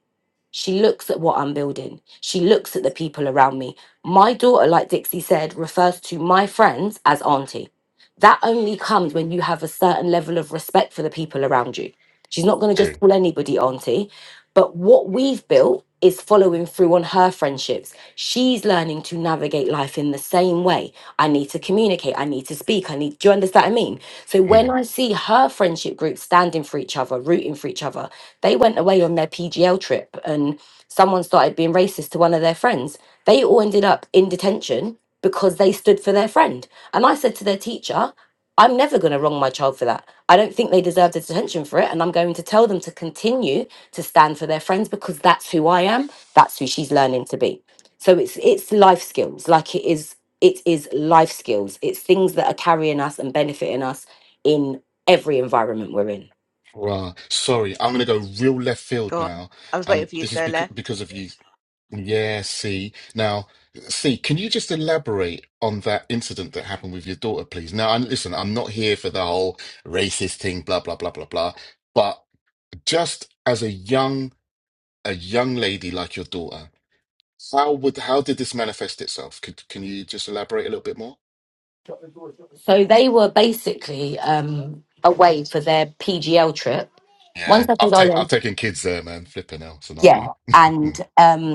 Speaker 3: She looks at what I'm building. She looks at the people around me. My daughter, like Dixie said, refers to my friends as auntie. That only comes when you have a certain level of respect for the people around you. She's not going to just call anybody auntie. But what we've built is following through on her friendships. She's learning to navigate life in the same way. I need to communicate. I need to speak. I need, do you understand what I mean? So
Speaker 2: mm.
Speaker 3: when I see her friendship group standing for each other, rooting for each other, they went away on their PGL trip and someone started being racist to one of their friends. They all ended up in detention because they stood for their friend. And I said to their teacher, I'm never going to wrong my child for that. I don't think they deserve the detention for it. And I'm going to tell them to continue to stand for their friends because that's who I am. That's who she's learning to be. So it's it's life skills. Like it is it is life skills. It's things that are carrying us and benefiting us in every environment we're in.
Speaker 2: Bruh, sorry, I'm gonna go real left field
Speaker 1: go on
Speaker 2: now,
Speaker 1: i was waiting
Speaker 2: and
Speaker 1: for you
Speaker 2: this
Speaker 1: to
Speaker 2: is
Speaker 1: go
Speaker 2: because
Speaker 1: left
Speaker 2: because of you. Yeah, see. Now, see, can you just elaborate on that incident that happened with your daughter, please? Now, and listen, I'm not here for the whole racist thing, blah blah blah blah blah, but just as a young a young lady like your daughter, how would how did this manifest itself? Could can you just elaborate a little bit more?
Speaker 3: So they were basically um away for their PGL trip. One
Speaker 2: Yeah,
Speaker 3: second,
Speaker 2: I've take I've
Speaker 3: darling.
Speaker 2: taken kids there, man. Flipping hell, it's a
Speaker 3: Yeah.
Speaker 2: nightmare.
Speaker 3: And um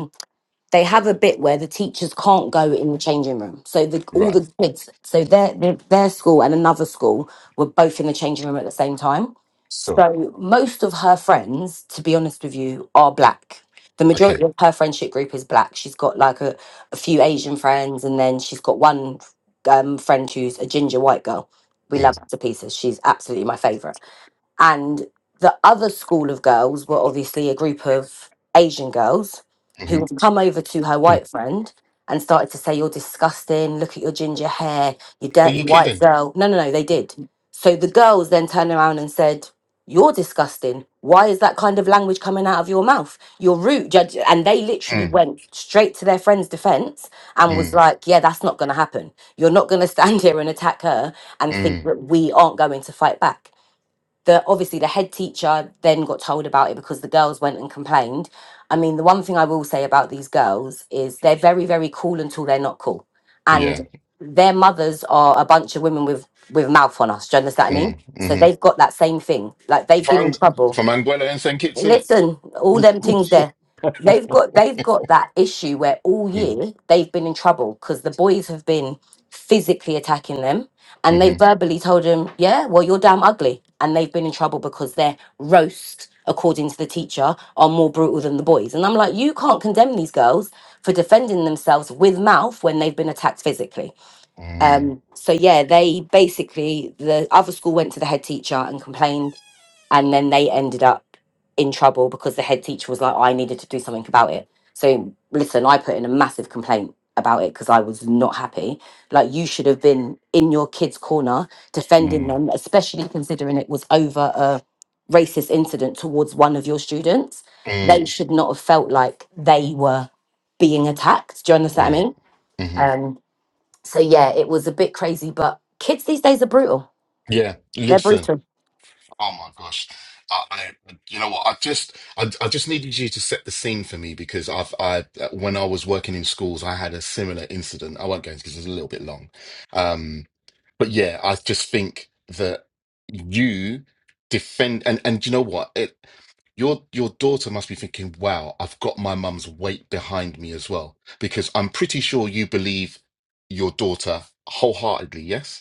Speaker 3: they have a bit where the teachers can't go in the changing room. So the all
Speaker 2: Right.
Speaker 3: the kids, so their their their school and another school were both in the changing room at the same time.
Speaker 2: So,
Speaker 3: So most of her friends, to be honest with you, are black. The
Speaker 2: okay.
Speaker 3: majority of her friendship group is black. She's got like a, a few Asian friends, and then she's got one um, friend who's a ginger white girl. We love
Speaker 2: Mm,
Speaker 3: her to pieces. She's absolutely my favorite. And the other school of girls were obviously a group of Asian girls
Speaker 2: mhm.
Speaker 3: who would come over to her
Speaker 2: Mm.
Speaker 3: white friend and started to say, You're disgusting. Look at your ginger hair. You
Speaker 2: Are
Speaker 3: dirty
Speaker 2: you
Speaker 3: white
Speaker 2: kidding?
Speaker 3: girl. No, no, no, they did. So the girls then turned around and said, You're disgusting. Why is that kind of language coming out of your mouth? You're rude. Judge. And they literally
Speaker 2: Mm,
Speaker 3: went straight to their friend's defense and was
Speaker 2: mm,
Speaker 3: like, Yeah, that's not going to happen. You're not going to stand here and attack her and think
Speaker 2: mm.
Speaker 3: that we aren't going to fight back the obviously the head teacher then got told about it because the girls went and complained. I mean, the one thing I will say about these girls is they're very, very cool until they're not cool.
Speaker 2: Yeah.
Speaker 3: And their mothers are a bunch of women with with mouth on us. Do you understand what I mean?
Speaker 2: Mm,
Speaker 3: So
Speaker 2: mm-hmm.
Speaker 3: they've got that same thing. Like they've been in
Speaker 2: From,
Speaker 3: trouble.
Speaker 2: from Anguilla and St. Kitts, innit?
Speaker 3: Listen, all them
Speaker 2: Oh,
Speaker 3: things
Speaker 2: shit.
Speaker 3: there. They've got they've got that issue where all
Speaker 2: Mm,
Speaker 3: year they've been in trouble because the boys have been physically attacking them and they
Speaker 2: mm-hmm,
Speaker 3: verbally told them, Yeah, well you're damn ugly. And they've been in trouble because their roast, according to the teacher, are more brutal than the boys. And I'm like, you can't condemn these girls for defending themselves with mouth when they've been attacked physically.
Speaker 2: mm,
Speaker 3: Um so yeah, they basically the other school went to the head teacher and complained and then they ended up in trouble because the head teacher was like i needed to do something about it so listen i put in a massive complaint about it because i was not happy like you should have been in your kids corner defending
Speaker 2: mm,
Speaker 3: them especially considering it was over a racist incident towards one of your students they
Speaker 2: mm,
Speaker 3: should not have felt like they were being attacked do you understand what i
Speaker 2: mm,
Speaker 3: mean
Speaker 2: mm-hmm.
Speaker 3: um so yeah it was a bit crazy but kids these days are brutal
Speaker 2: Yeah.
Speaker 3: they're
Speaker 2: Listen.
Speaker 3: brutal
Speaker 2: Oh my gosh. I, I, you know what? I just, I, I just needed you to set the scene for me because I've, I, uh, when I was working in schools, I had a similar incident. I won't go into because it's a little bit long. Um, but yeah, I just think that you defend and and you know what? It your your daughter must be thinking, wow, I've got my mum's weight behind me as well. Because I'm pretty sure you believe your daughter wholeheartedly, yes?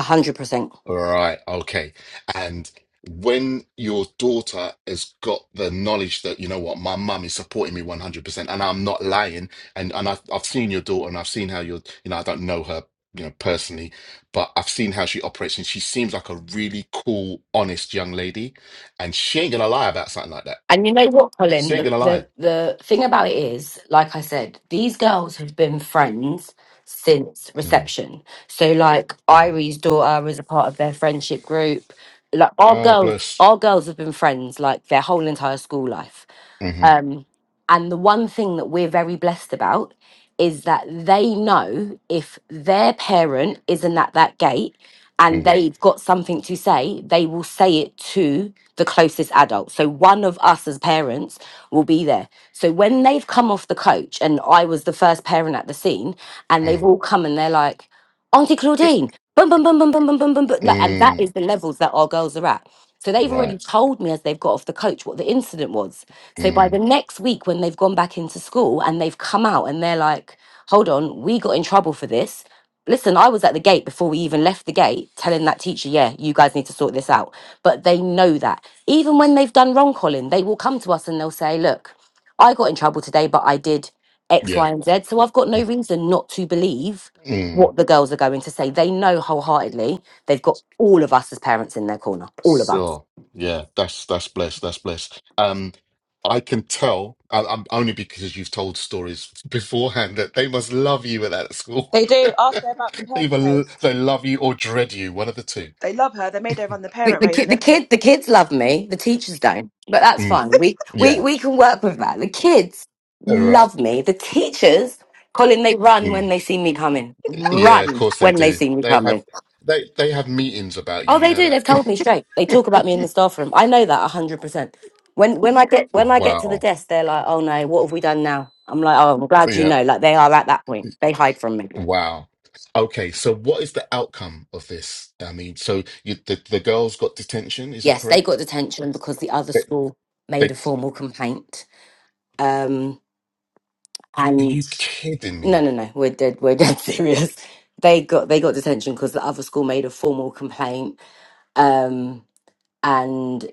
Speaker 3: 100%
Speaker 2: Right, okay. And when your daughter has got the knowledge that, you know what, my mum is supporting me 100% and I'm not lying, and and I've, I've seen your daughter and I've seen how you're, you know, I don't know her, you know, personally, but I've seen how she operates and she seems like a really cool, honest young lady. And she ain't gonna lie about something like that.
Speaker 3: And you know what,
Speaker 2: She
Speaker 3: Colin?
Speaker 2: ain't
Speaker 3: The,
Speaker 2: gonna lie.
Speaker 3: the the thing about it is, like I said, these girls have been friends since
Speaker 2: Mm,
Speaker 3: reception. So like
Speaker 2: mhm.
Speaker 3: Irie's daughter was a part of their friendship group. Like our
Speaker 2: Oh,
Speaker 3: girls
Speaker 2: bless.
Speaker 3: our girls have been friends like their whole entire school life.
Speaker 2: hmm
Speaker 3: Um, and the one thing that we're very blessed about is that they know if their parent isn't at that gate and Yeah.
Speaker 2: mm,
Speaker 3: they've got something to say, they will say it to the closest adult. So one of us as parents will be there. So when they've come off the coach, and I was the first parent at the scene, and they've
Speaker 2: mm.
Speaker 3: all come and they're like, Auntie
Speaker 2: Just,
Speaker 3: Claudine boom, boom, boom, boom, boom, boom, boom, boom, boom. Like, and that
Speaker 2: mm,
Speaker 3: is the levels that our girls are at. So they've
Speaker 2: right.
Speaker 3: already told me as they've got off the coach what the incident was. So by
Speaker 2: Mm,
Speaker 3: the next week, when they've gone back into school and they've come out and they're like, hold on, we got in trouble for this. Listen, I was at the gate before we even left the gate telling that teacher, yeah, you guys need to sort this out. But they know that. Even when they've done wrong, Colin, they will come to us and they'll say, look, I got in trouble today, but I did X,
Speaker 2: yeah.
Speaker 3: Y, and Z. So I've got no reason not to believe
Speaker 2: Mm.
Speaker 3: what the girls are going to say. They know wholeheartedly they've got all of us as parents in their corner. All of us.
Speaker 2: So yeah, that's that's blessed. That's blessed. Um, I can tell. I, I'm only because you've told stories beforehand that they must love you at that school.
Speaker 1: They do ask her about the parent
Speaker 2: Either l-
Speaker 1: race.
Speaker 2: they love you or dread you, one of the two.
Speaker 1: they love her they made her run the
Speaker 3: The,
Speaker 1: parent
Speaker 3: the
Speaker 1: race
Speaker 3: kid,
Speaker 1: and
Speaker 3: the
Speaker 1: everything
Speaker 3: kid, the kids love me. The teachers don't, but that's
Speaker 2: Mm,
Speaker 3: fine. We we
Speaker 2: yeah,
Speaker 3: we can work with that. The kids
Speaker 2: all right.
Speaker 3: love me. The teachers, Colin, they run
Speaker 2: Mm,
Speaker 3: when they see me coming.
Speaker 2: yeah, of
Speaker 3: Run
Speaker 2: course they
Speaker 3: when they
Speaker 2: do.
Speaker 3: see me
Speaker 2: They have
Speaker 3: coming.
Speaker 2: they they have meetings about you.
Speaker 3: Oh,
Speaker 2: You
Speaker 3: they
Speaker 2: know
Speaker 3: do. They've told me straight.
Speaker 2: that.
Speaker 3: They talk about me in the staff room. I know that hundred percent. When when I get when I get to the
Speaker 2: Wow.
Speaker 3: desk, they're like, "Oh no, what have we done now?" I'm like, "Oh, I'm glad you
Speaker 2: Yeah.
Speaker 3: know." Like they are at that point. They hide from me.
Speaker 2: Wow. Okay, so what is the outcome of this? I mean, so you, the the girls got detention, is that
Speaker 3: yes, they got
Speaker 2: correct?
Speaker 3: detention because the other
Speaker 2: They,
Speaker 3: school
Speaker 2: they, are
Speaker 3: made a formal complaint. Um, and
Speaker 2: you kidding
Speaker 3: no,
Speaker 2: me?
Speaker 3: no, no, we're dead, we're dead serious. They got they got detention because the other school made a formal complaint. Um, and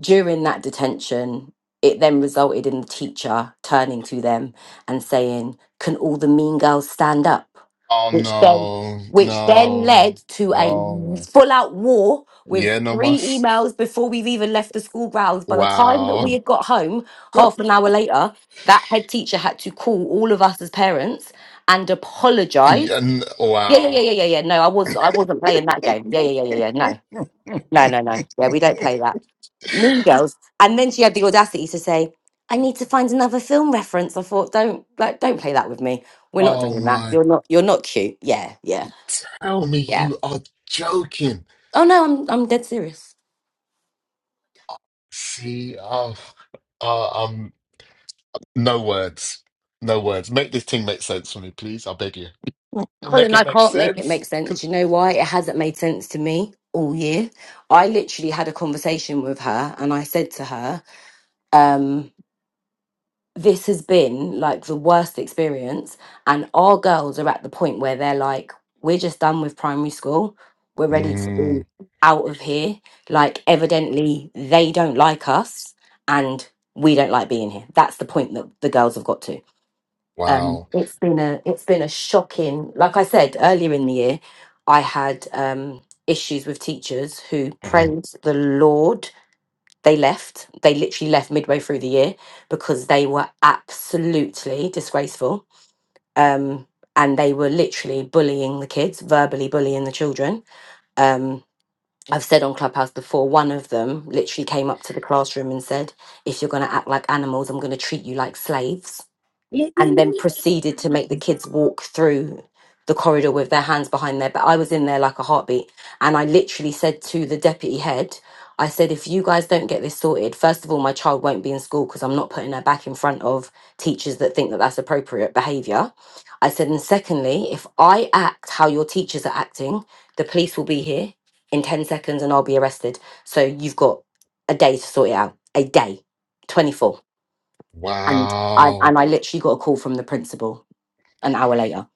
Speaker 3: during that detention, it then resulted in the teacher turning to them and saying, Can all the mean girls stand up?
Speaker 2: Oh
Speaker 3: Which then
Speaker 2: no,
Speaker 3: which then
Speaker 2: no,
Speaker 3: led to a
Speaker 2: no.
Speaker 3: full out war
Speaker 2: Yeah,
Speaker 3: with
Speaker 2: no
Speaker 3: three
Speaker 2: mas.
Speaker 3: emails before we've even left the school grounds. By the time that we
Speaker 2: Wow.
Speaker 3: had got home, half an hour later, that head teacher had to call all of us as parents and apologize.
Speaker 2: Yeah, n-
Speaker 3: Yeah, yeah, yeah,
Speaker 2: wow.
Speaker 3: yeah, yeah, yeah. No, I wasn't I wasn't playing that game. Yeah, yeah, yeah, yeah, yeah. No. No, no, no. Yeah, we don't play that. Mean Girls. And then she had the audacity to say, "I need to find another film reference." I thought, "Don't like, don't play that with me. We're not
Speaker 2: Oh
Speaker 3: doing that.
Speaker 2: my,
Speaker 3: You're not. You're not cute. Yeah, yeah,
Speaker 2: tell me
Speaker 3: yeah.
Speaker 2: you are joking.
Speaker 3: Oh no, I'm I'm dead serious."
Speaker 2: See, oh, uh, um. No words. No words. Make this thing make sense for me, please. I beg you. Make
Speaker 3: Colin,
Speaker 2: it
Speaker 3: I
Speaker 2: make
Speaker 3: can't make it
Speaker 2: sense.
Speaker 3: make sense.
Speaker 2: 'Cause-
Speaker 3: Do You know why? It hasn't made sense to me all year. I literally had a conversation with her, and I said to her, um, this has been like the worst experience and our girls are at the point where they're like we're just done with primary school we're ready to
Speaker 2: Mm,
Speaker 3: be out of here like evidently they don't like us and we don't like being here that's the point that the girls have got to um
Speaker 2: wow.
Speaker 3: it's been a it's been a shocking like i said earlier in the year i had um issues with teachers who
Speaker 2: Mhm.
Speaker 3: praised the lord they left. They literally left midway through the year because they were absolutely disgraceful. Um, and they were literally bullying the kids, verbally bullying the children. Um, I've said on Clubhouse before, one of them literally came up to the classroom and said, If you're going to act like animals, I'm going to treat you like slaves and then proceeded to make the kids walk through the corridor with their hands behind their back. I was in there like a heartbeat. And I literally said to the deputy head, I said, if you guys don't get this sorted, first of all, my child won't be in school because I'm not putting her back in front of teachers that think that that's appropriate behavior. I said, and secondly, if I act how your teachers are acting, the police will be here in 10 seconds and I'll be arrested. So you've got a day to sort it out, a day, 24 and I
Speaker 2: Wow.
Speaker 3: and I literally got a call from the principal an hour later.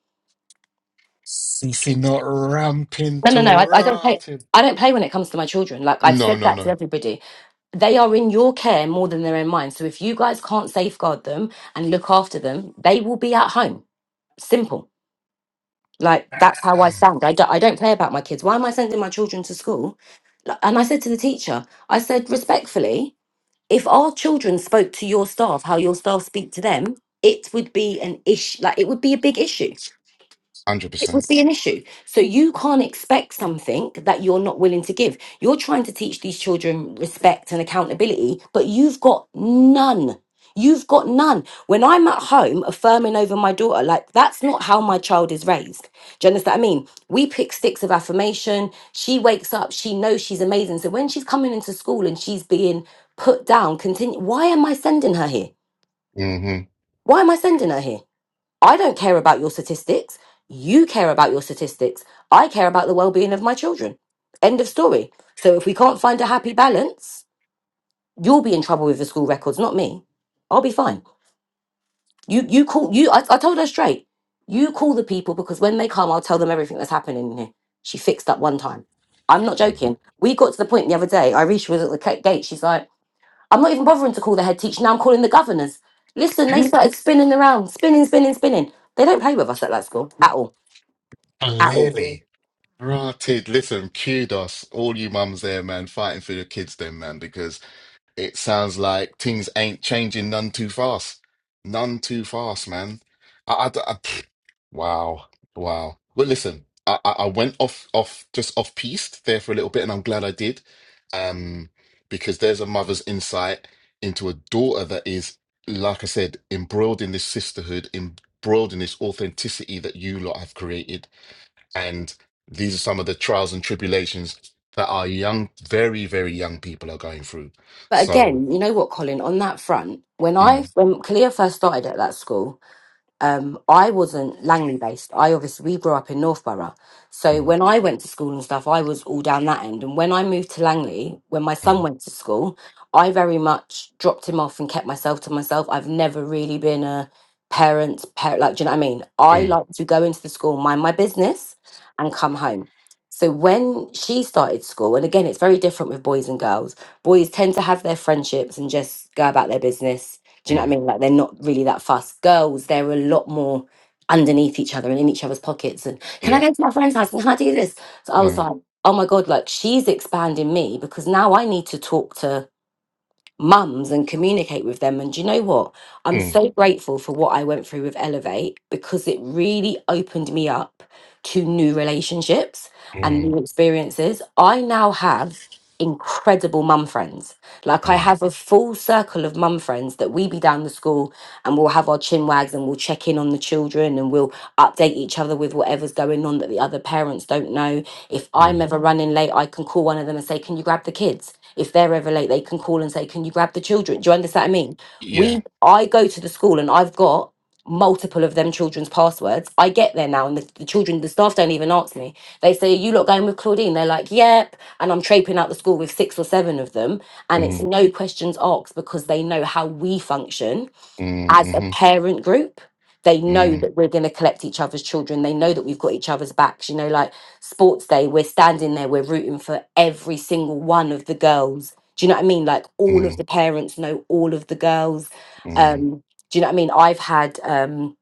Speaker 2: CC not ramping
Speaker 3: No,
Speaker 2: to
Speaker 3: no, no. I, I don't play.
Speaker 2: rotten.
Speaker 3: I don't play when it comes to my children. Like I've
Speaker 2: No,
Speaker 3: said
Speaker 2: no,
Speaker 3: that to
Speaker 2: no.
Speaker 3: everybody. They are in your care more than they're in mine. So if you guys can't safeguard them and look after them, they will be at home. Simple. Like
Speaker 2: Damn.
Speaker 3: that's how I stand. I don't. I don't play about my kids. Why am I sending my children to school? Like, And I said to the teacher, I said respectfully, if our children spoke to your staff how your staff speak to them, it would be an issue. Like it would be a big issue it would
Speaker 2: 100%.
Speaker 3: be an issue. So you can't expect something that you're not willing to give. You're trying to teach these children respect and accountability, but you've got none. You've got none. When I'm at home affirming over my daughter, like that's not how my child is raised. Do you understand what I mean? We pick sticks of affirmation. She wakes up, she knows she's amazing. So when she's coming into school and she's being put down, continue. Why am I sending her here?
Speaker 2: Mm-hmm.
Speaker 3: Why am I sending her here? I don't care about your statistics. You care about your statistics. I care about the well being of my children. End of story. So if we can't find a happy balance, you'll be in trouble with the school records, not me. I'll be fine. You you call you I, I told her straight. You call the people because when they come, I'll tell them everything that's happening in here. She fixed up one time. I'm not joking. We got to the point the other day, Irisha was at the ca- gate. She's like, I'm not even bothering to call the head teacher. Now I'm calling the governors. Listen, they started spinning around, spinning, spinning, spinning. They don't play with us at that school at all at all.
Speaker 2: Clearly. Rotted. Listen, kudos. All you mums there, man, fighting for your kids then, man, because. it sounds like things ain't changing none too fast. None too fast, man. I, I, I- pfft. wow, wow. Well, listen, I, I I went off, off, just off piste there for a little bit, and I'm glad I did, um, because there's a mother's insight into a daughter that is, like I said, embroiled in this sisterhood, embroiled in this authenticity that you lot have created, and these are some of the trials and tribulations that our young, very, very young people are going through.
Speaker 3: But
Speaker 2: So.
Speaker 3: again, you know what, Colin, on that front, when
Speaker 2: Mm,
Speaker 3: I when Kalia first started at that school, um, I wasn't Langley based. I obviously we grew up in Northborough, so
Speaker 2: mm,
Speaker 3: when I went to school and stuff, I was all down that end. And when I moved to Langley, when my son
Speaker 2: mm,
Speaker 3: went to school, I very much dropped him off and kept myself to myself. I've never really been a parent, parent like do you know what I mean? I
Speaker 2: mm,
Speaker 3: like to go into the school, mind my business, and come home. So when she started school, and again, it's very different with boys and girls. Boys tend to have their friendships and just go about their business do you know what I
Speaker 2: mm.
Speaker 3: mean? Like they're not really that fast. Girls, they're a lot more underneath each other and in each other's pockets. And can I
Speaker 2: Yeah.
Speaker 3: go to my friend's house? And Can I do this? So I was
Speaker 2: Mm,
Speaker 3: like, oh my God, like she's expanding me because now I need to talk to mums and communicate with them. And do you know what? I'm
Speaker 2: mm,
Speaker 3: so grateful for what I went through with Elevate because it really opened me up to new relationships and
Speaker 2: mm,
Speaker 3: new experiences. I now have incredible mum friends. Like I
Speaker 2: mm,
Speaker 3: have a full circle of mum friends that we be down the school and we'll have our chin wags and we'll check in on the children and we'll update each other with whatever's going on that the other parents don't know. If I'm
Speaker 2: mm.
Speaker 3: ever running late, I can call one of them and say, Can you grab the kids? If they're ever late, they can call and say, Can you grab the children? Do you understand what I mean?
Speaker 2: Yeah.
Speaker 3: We I go to the school and I've got multiple of them children's passwords. I get there now and the, the children, the staff don't even answer me. They say, Are you lot going with Claudine? They're like, Yep. And I'm traipsing out the school with six or seven of them. And it's
Speaker 2: Mm,
Speaker 3: no questions asked because they know how we function
Speaker 2: mm,
Speaker 3: as a
Speaker 2: mhm.
Speaker 3: parent group they know
Speaker 2: Mm,
Speaker 3: that we're going to collect each other's children they know that we've got each other's backs you know like sports day we're standing there we're rooting for every single one of the girls do you know what i mean like all of
Speaker 2: mm,
Speaker 3: the parents know all of the girls
Speaker 2: mm.
Speaker 3: um do you know what i mean i've had um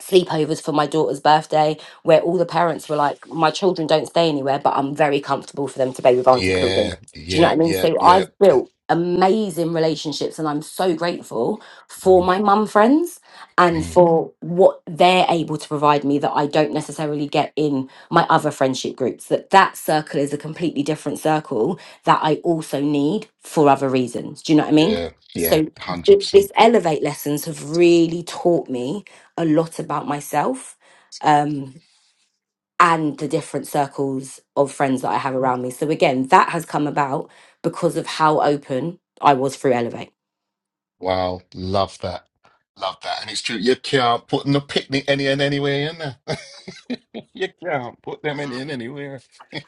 Speaker 3: sleepovers for my daughter's birthday where all the parents were like, My children don't stay anywhere, but I'm very comfortable for them to be with auntie children.
Speaker 2: Yeah.
Speaker 3: Do you know what I
Speaker 2: Yep.
Speaker 3: mean?
Speaker 2: Yep.
Speaker 3: So I've
Speaker 2: Yep.
Speaker 3: built amazing relationships and I'm so grateful for
Speaker 2: Mm,
Speaker 3: my mum friends and
Speaker 2: mm.
Speaker 3: for what they're able to provide me that I don't necessarily get in my other friendship groups that that circle is a completely different circle that I also need for other reasons do you know what I mean
Speaker 2: Yeah. Yeah.
Speaker 3: so
Speaker 2: Hundred
Speaker 3: th-
Speaker 2: percent.
Speaker 3: this elevate lessons have really taught me a lot about myself um, and the different circles of friends that I have around me. So again, that has come about because of how open I was through Elevate.
Speaker 2: Wow. Love that. Love that. And it's true. You can't put the picnic any and anywhere in there. you can't put them in, in anywhere.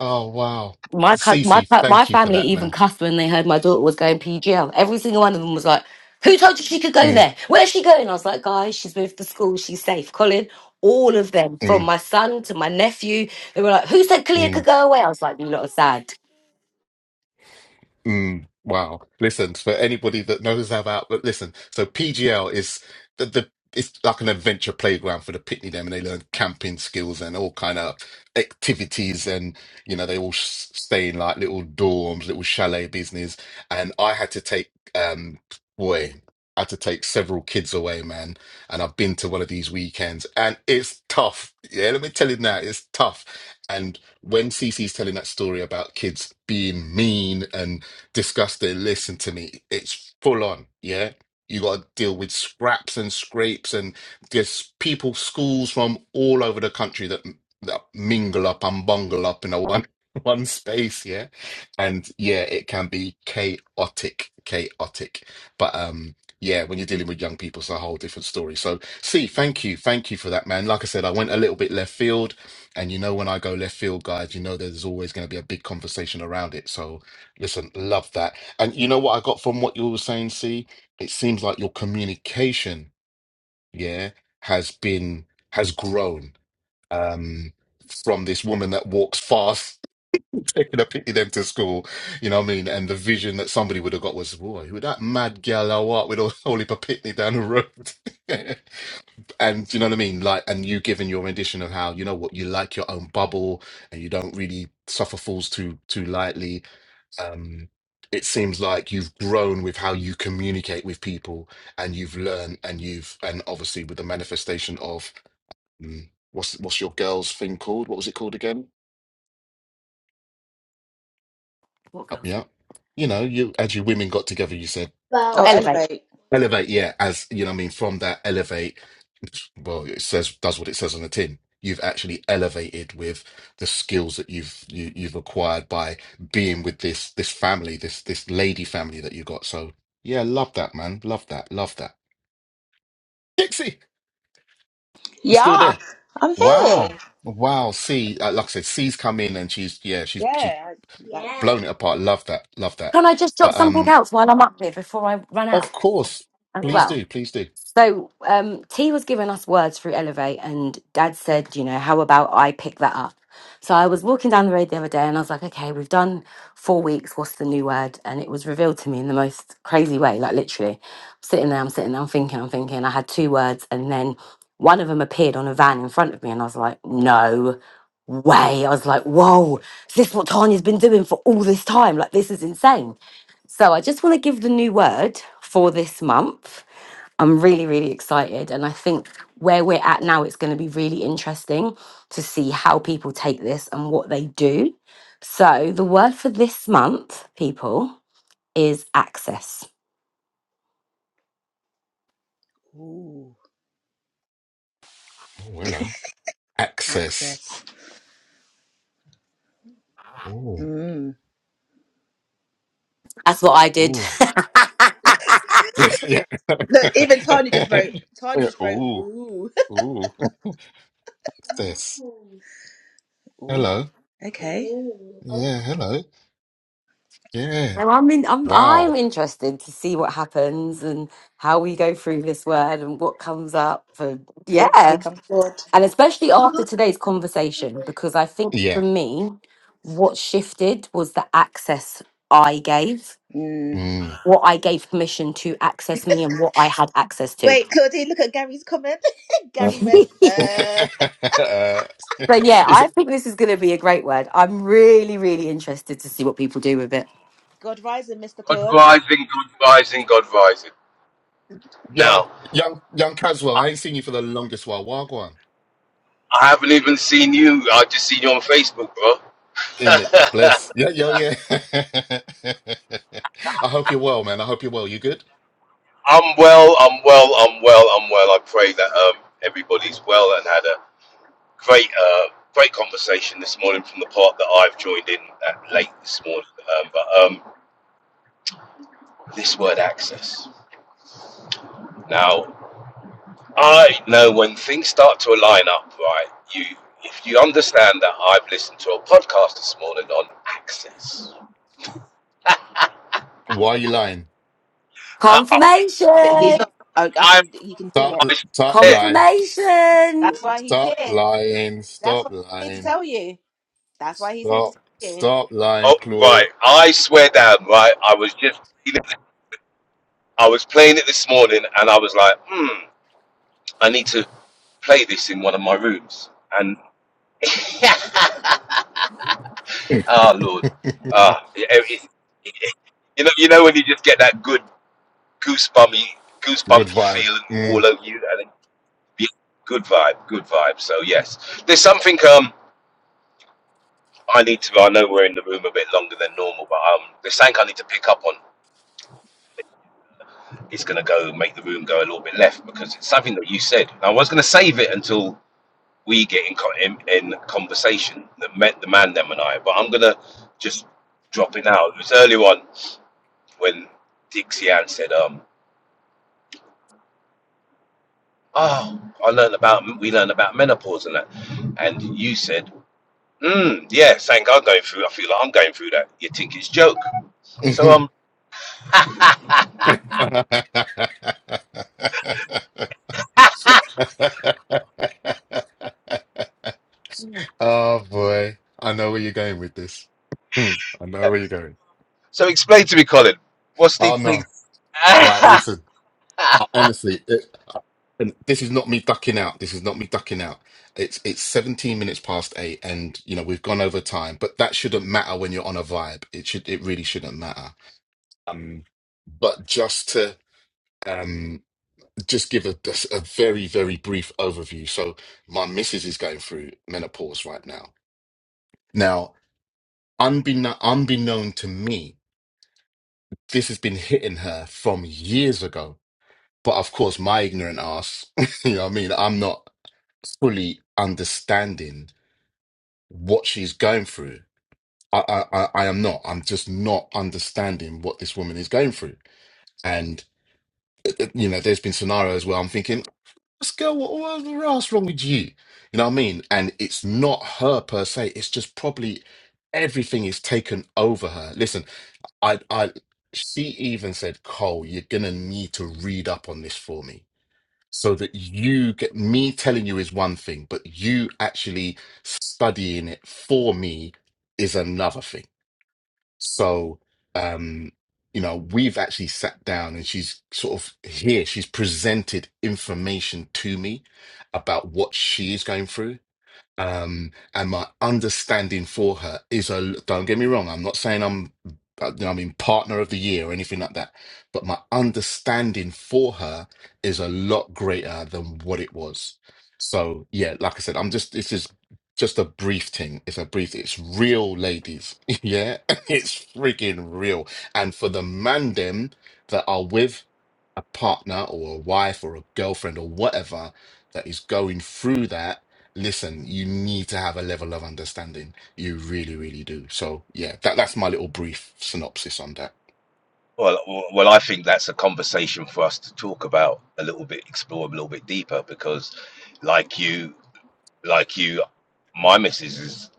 Speaker 2: oh wow.
Speaker 3: My cu- my
Speaker 2: Cece,
Speaker 3: cu- my
Speaker 2: thank you for
Speaker 3: family
Speaker 2: that,
Speaker 3: even
Speaker 2: man.
Speaker 3: cussed when they heard my daughter was going PGL. Every single one of them was like, "Who told you she could go
Speaker 2: Mm,
Speaker 3: there? Where's she going?" I was like, "Guys, she's with the school. She's safe." Colin, all of them, from
Speaker 2: mm,
Speaker 3: my son to my nephew, they were like, "Who said
Speaker 2: mm.
Speaker 3: Kalia could go away?" I was like, "You lot are sad."
Speaker 2: Mm, wow. Listen, for anybody that knows about, but listen, so PGL is the, the it's like an adventure playground for the Pitney Them, and they learn camping skills and all kind of activities, and you know they all s- stay in like little dorms, little chalet business. And I had to take um boy, I had to take several kids away, man. And I've been to one of these weekends, and it's tough. Yeah, let me tell you now, it's tough. And when Cece's telling that story about kids being mean and disgusting. Listen to me. It's full on. Yeah. You got to deal with scraps and scrapes and there's people, schools from all over the country that, that mingle up and bungle up in a one, one space. Yeah. And yeah, it can be chaotic, chaotic. But, um, yeah, when you're dealing with young people, it's a whole different story. So, see, thank you. Thank you for that, man. Like I said, I went a little bit left field. And you know, when I go left field, guys, you know, there's always going to be a big conversation around it. So, Listen, love that. And you know what I got from what you were saying, see? It seems like your communication, yeah, has been has grown um from this woman that walks fast, taking a picking them to school. You know what I mean? And the vision that somebody would have got was, boy, who that mad gal or what with all holy picnic down the road. and you know what I mean? Like, and you giving your rendition of how you know what you like your own bubble, and you don't really suffer fools too too lightly um, it seems like you've grown with how you communicate with people and you've learned and you've and obviously with the manifestation of mm, what's what's your girl's thing called what was it called again
Speaker 3: What
Speaker 2: help me
Speaker 3: girls?
Speaker 2: out you know you as you women got together you said
Speaker 1: Wow.
Speaker 3: Oh,
Speaker 1: oh
Speaker 3: Elevate.
Speaker 1: elevate
Speaker 2: Elevate, yeah, as you know, what I mean, from that elevate, well, it says does what it says on the tin. You've actually elevated with the skills that you've you, you've acquired by being with this this family, this this lady family that you got. So yeah, love that, man. Love that. Love that. Dixie, you're still
Speaker 1: Yeah,
Speaker 2: there.
Speaker 1: I'm yeah here.
Speaker 2: Wow, wow. See, uh, like I said, C's come in and she's yeah, she's she's
Speaker 1: Yeah. I, I, Yeah.
Speaker 2: blown it apart. Love that. Love that.
Speaker 3: Can I just drop
Speaker 2: But
Speaker 3: something
Speaker 2: um,
Speaker 3: else while I'm up here before I run out
Speaker 2: of course,
Speaker 3: as
Speaker 2: please
Speaker 1: Look.
Speaker 3: well?
Speaker 2: do, please do.
Speaker 3: So, um, T was giving us words through Elevate, and Dad said, you know, how about I pick that up? So I was walking down the road the other day, and I was like, okay, we've done four weeks. What's the new word? And it was revealed to me in the most crazy way, like literally. I'm sitting there, I'm sitting there, I'm thinking, I'm thinking. I had two words, and then one of them appeared on a van in front of me, and I was like, no way. I was like, whoa, is this what Tanya's been doing for all this time? Like, this is insane. So I just want to give the new word for this month. I'm really, really excited. And I think where we're at now, it's going to be really interesting to see how people take this and what they do. So the word for this month, people, is access.
Speaker 1: ooh,
Speaker 2: Oh, hello. Access.
Speaker 1: access.
Speaker 2: Oh.
Speaker 1: Mm.
Speaker 3: That's what I did.
Speaker 2: Ooh. yeah.
Speaker 1: Look, even Tanya just wrote. Tanya
Speaker 2: Yeah,
Speaker 1: just wrote.
Speaker 2: Ooh.
Speaker 1: Ooh.
Speaker 2: Ooh. What's this?
Speaker 1: Ooh. Ooh.
Speaker 2: Hello.
Speaker 1: Okay. Ooh. Oh.
Speaker 2: Yeah, hello. Yeah.
Speaker 3: So I'm in, I'm I'm
Speaker 2: Wow.
Speaker 3: interested to see what happens and how we go through this word and what comes up and
Speaker 1: Oh,
Speaker 3: yeah.
Speaker 1: here comes God.
Speaker 3: And especially after today's conversation, because I think for
Speaker 2: Yeah.
Speaker 3: me, what shifted was the access I gave,
Speaker 1: Mm.
Speaker 2: Mm.
Speaker 3: what I gave permission to access me, and what I had access to.
Speaker 1: Wait, Claudine, look at Gary's comment.
Speaker 2: Uh,
Speaker 1: Gary went,
Speaker 2: uh,
Speaker 3: so,
Speaker 1: uh,
Speaker 3: yeah,
Speaker 2: it's
Speaker 3: I think this is going to be a great word. I'm really, really interested to see what people do with it.
Speaker 1: God rising, Mr.
Speaker 4: God
Speaker 1: Claude.
Speaker 4: rising, God rising, God rising.
Speaker 2: young,
Speaker 4: Now,
Speaker 2: young, young Caswell. I ain't seen you for the longest while. Wagwan.
Speaker 4: I haven't even seen you. I just seen you on Facebook, bro.
Speaker 2: In it. Bless. Yeah, yeah, yeah. I hope you're well, man. I hope you're well. You good?
Speaker 4: I'm well, I'm well, I'm well, I'm well. I pray that um, everybody's well and had a great, uh, great conversation this morning from the part that I've joined in at late this morning. Um, but um, this word access. Now, I know when things start to align up, right? You, if you understand that I've listened to a podcast this morning on access.
Speaker 2: Why are you lying?
Speaker 4: I, I
Speaker 1: But He's
Speaker 3: Confirmation!
Speaker 1: not, I, I
Speaker 4: I
Speaker 1: can, he can do
Speaker 2: Stop,
Speaker 1: it.
Speaker 4: I
Speaker 2: stop
Speaker 4: swear,
Speaker 2: lying.
Speaker 3: Confirmation!
Speaker 1: That's why he's
Speaker 2: Stop
Speaker 1: here.
Speaker 2: lying.
Speaker 1: That's
Speaker 2: Stop
Speaker 1: why he's here to
Speaker 2: lying.
Speaker 1: tell you. That's why he's here to
Speaker 2: Stop,
Speaker 1: tell you.
Speaker 2: stop lying,
Speaker 4: oh,
Speaker 2: Claude.
Speaker 4: right, I swear down, right, I was just, I was playing it this morning and I was like, hmm, I need to play this in one of my rooms. And, ah, Lord, ah, it, it- you know, you know when you just get that good goosebumpy,
Speaker 2: Good
Speaker 4: goosebumpy
Speaker 2: vibe.
Speaker 4: feeling all over you, and it- yeah, good vibe, good vibe. So yes, there's something um I need to. I know we're in the room a bit longer than normal, but um, there's something I need to pick up on it's going to go make the room go a little bit left because it's something that you said. I was going to save it until we get in, in, in conversation that met the man, them, and I, but I'm going to just drop it out. It was earlier on when Dixie Ann said, um, Oh, I learned about we learned about menopause and that, and you said, mm, "Yeah, thank God I'm going through. I feel like I'm going through that." You think it's joke? So
Speaker 2: Mm.
Speaker 4: um,
Speaker 2: Oh boy, I know where you're going with this. Hmm, I know where you're going.
Speaker 4: so explain to me, Colin, what's the
Speaker 2: Oh
Speaker 4: thing?
Speaker 2: no, like listen, I, honestly, it, and this is not me ducking out. This is not me ducking out. It's it's 17 minutes past eight, and you know we've gone over time, but that shouldn't matter when you're on a vibe. It should, it really shouldn't matter. Um, but just to um just give a, just a very very brief overview. So my missus is going through menopause right now. Now unbeknown, unbeknown to me, this has been hitting her from years ago. But of course, my ignorant ass, you know what I mean? I'm not fully understanding what she's going through. I, I, I I am not. I'm just not understanding what this woman is going through. And, you know, there's been scenarios where I'm thinking, this girl, what, what the hell's wrong with you? You know what I mean? And it's not her per se. It's just probably everything is taken over her. Listen, I, I, she even said, Cole, you're gonna need to read up on this for me so that you get me telling you is one thing, but you actually studying it for me is another thing. So, um, you know, we've actually sat down and she's sort of here, she's presented information to me about what she is going through um, and my understanding for her is a. Don't get me wrong. I'm not saying I'm. uh, you know, I mean, partner of the year or anything like that. But my understanding for her is a lot greater than what it was. So yeah, like I said, I'm just. This is just a brief thing. It's a brief. It's real, ladies. yeah, it's freaking real. And for the man them that are with a partner or a wife or a girlfriend or whatever that is going through that listen, you need to have a level of understanding. You really, really do. So yeah, that that's my little brief synopsis on that.
Speaker 4: Well, w- well, I think that's a conversation for us to talk about a little bit, explore a little bit deeper, because, like you, like you, my missus is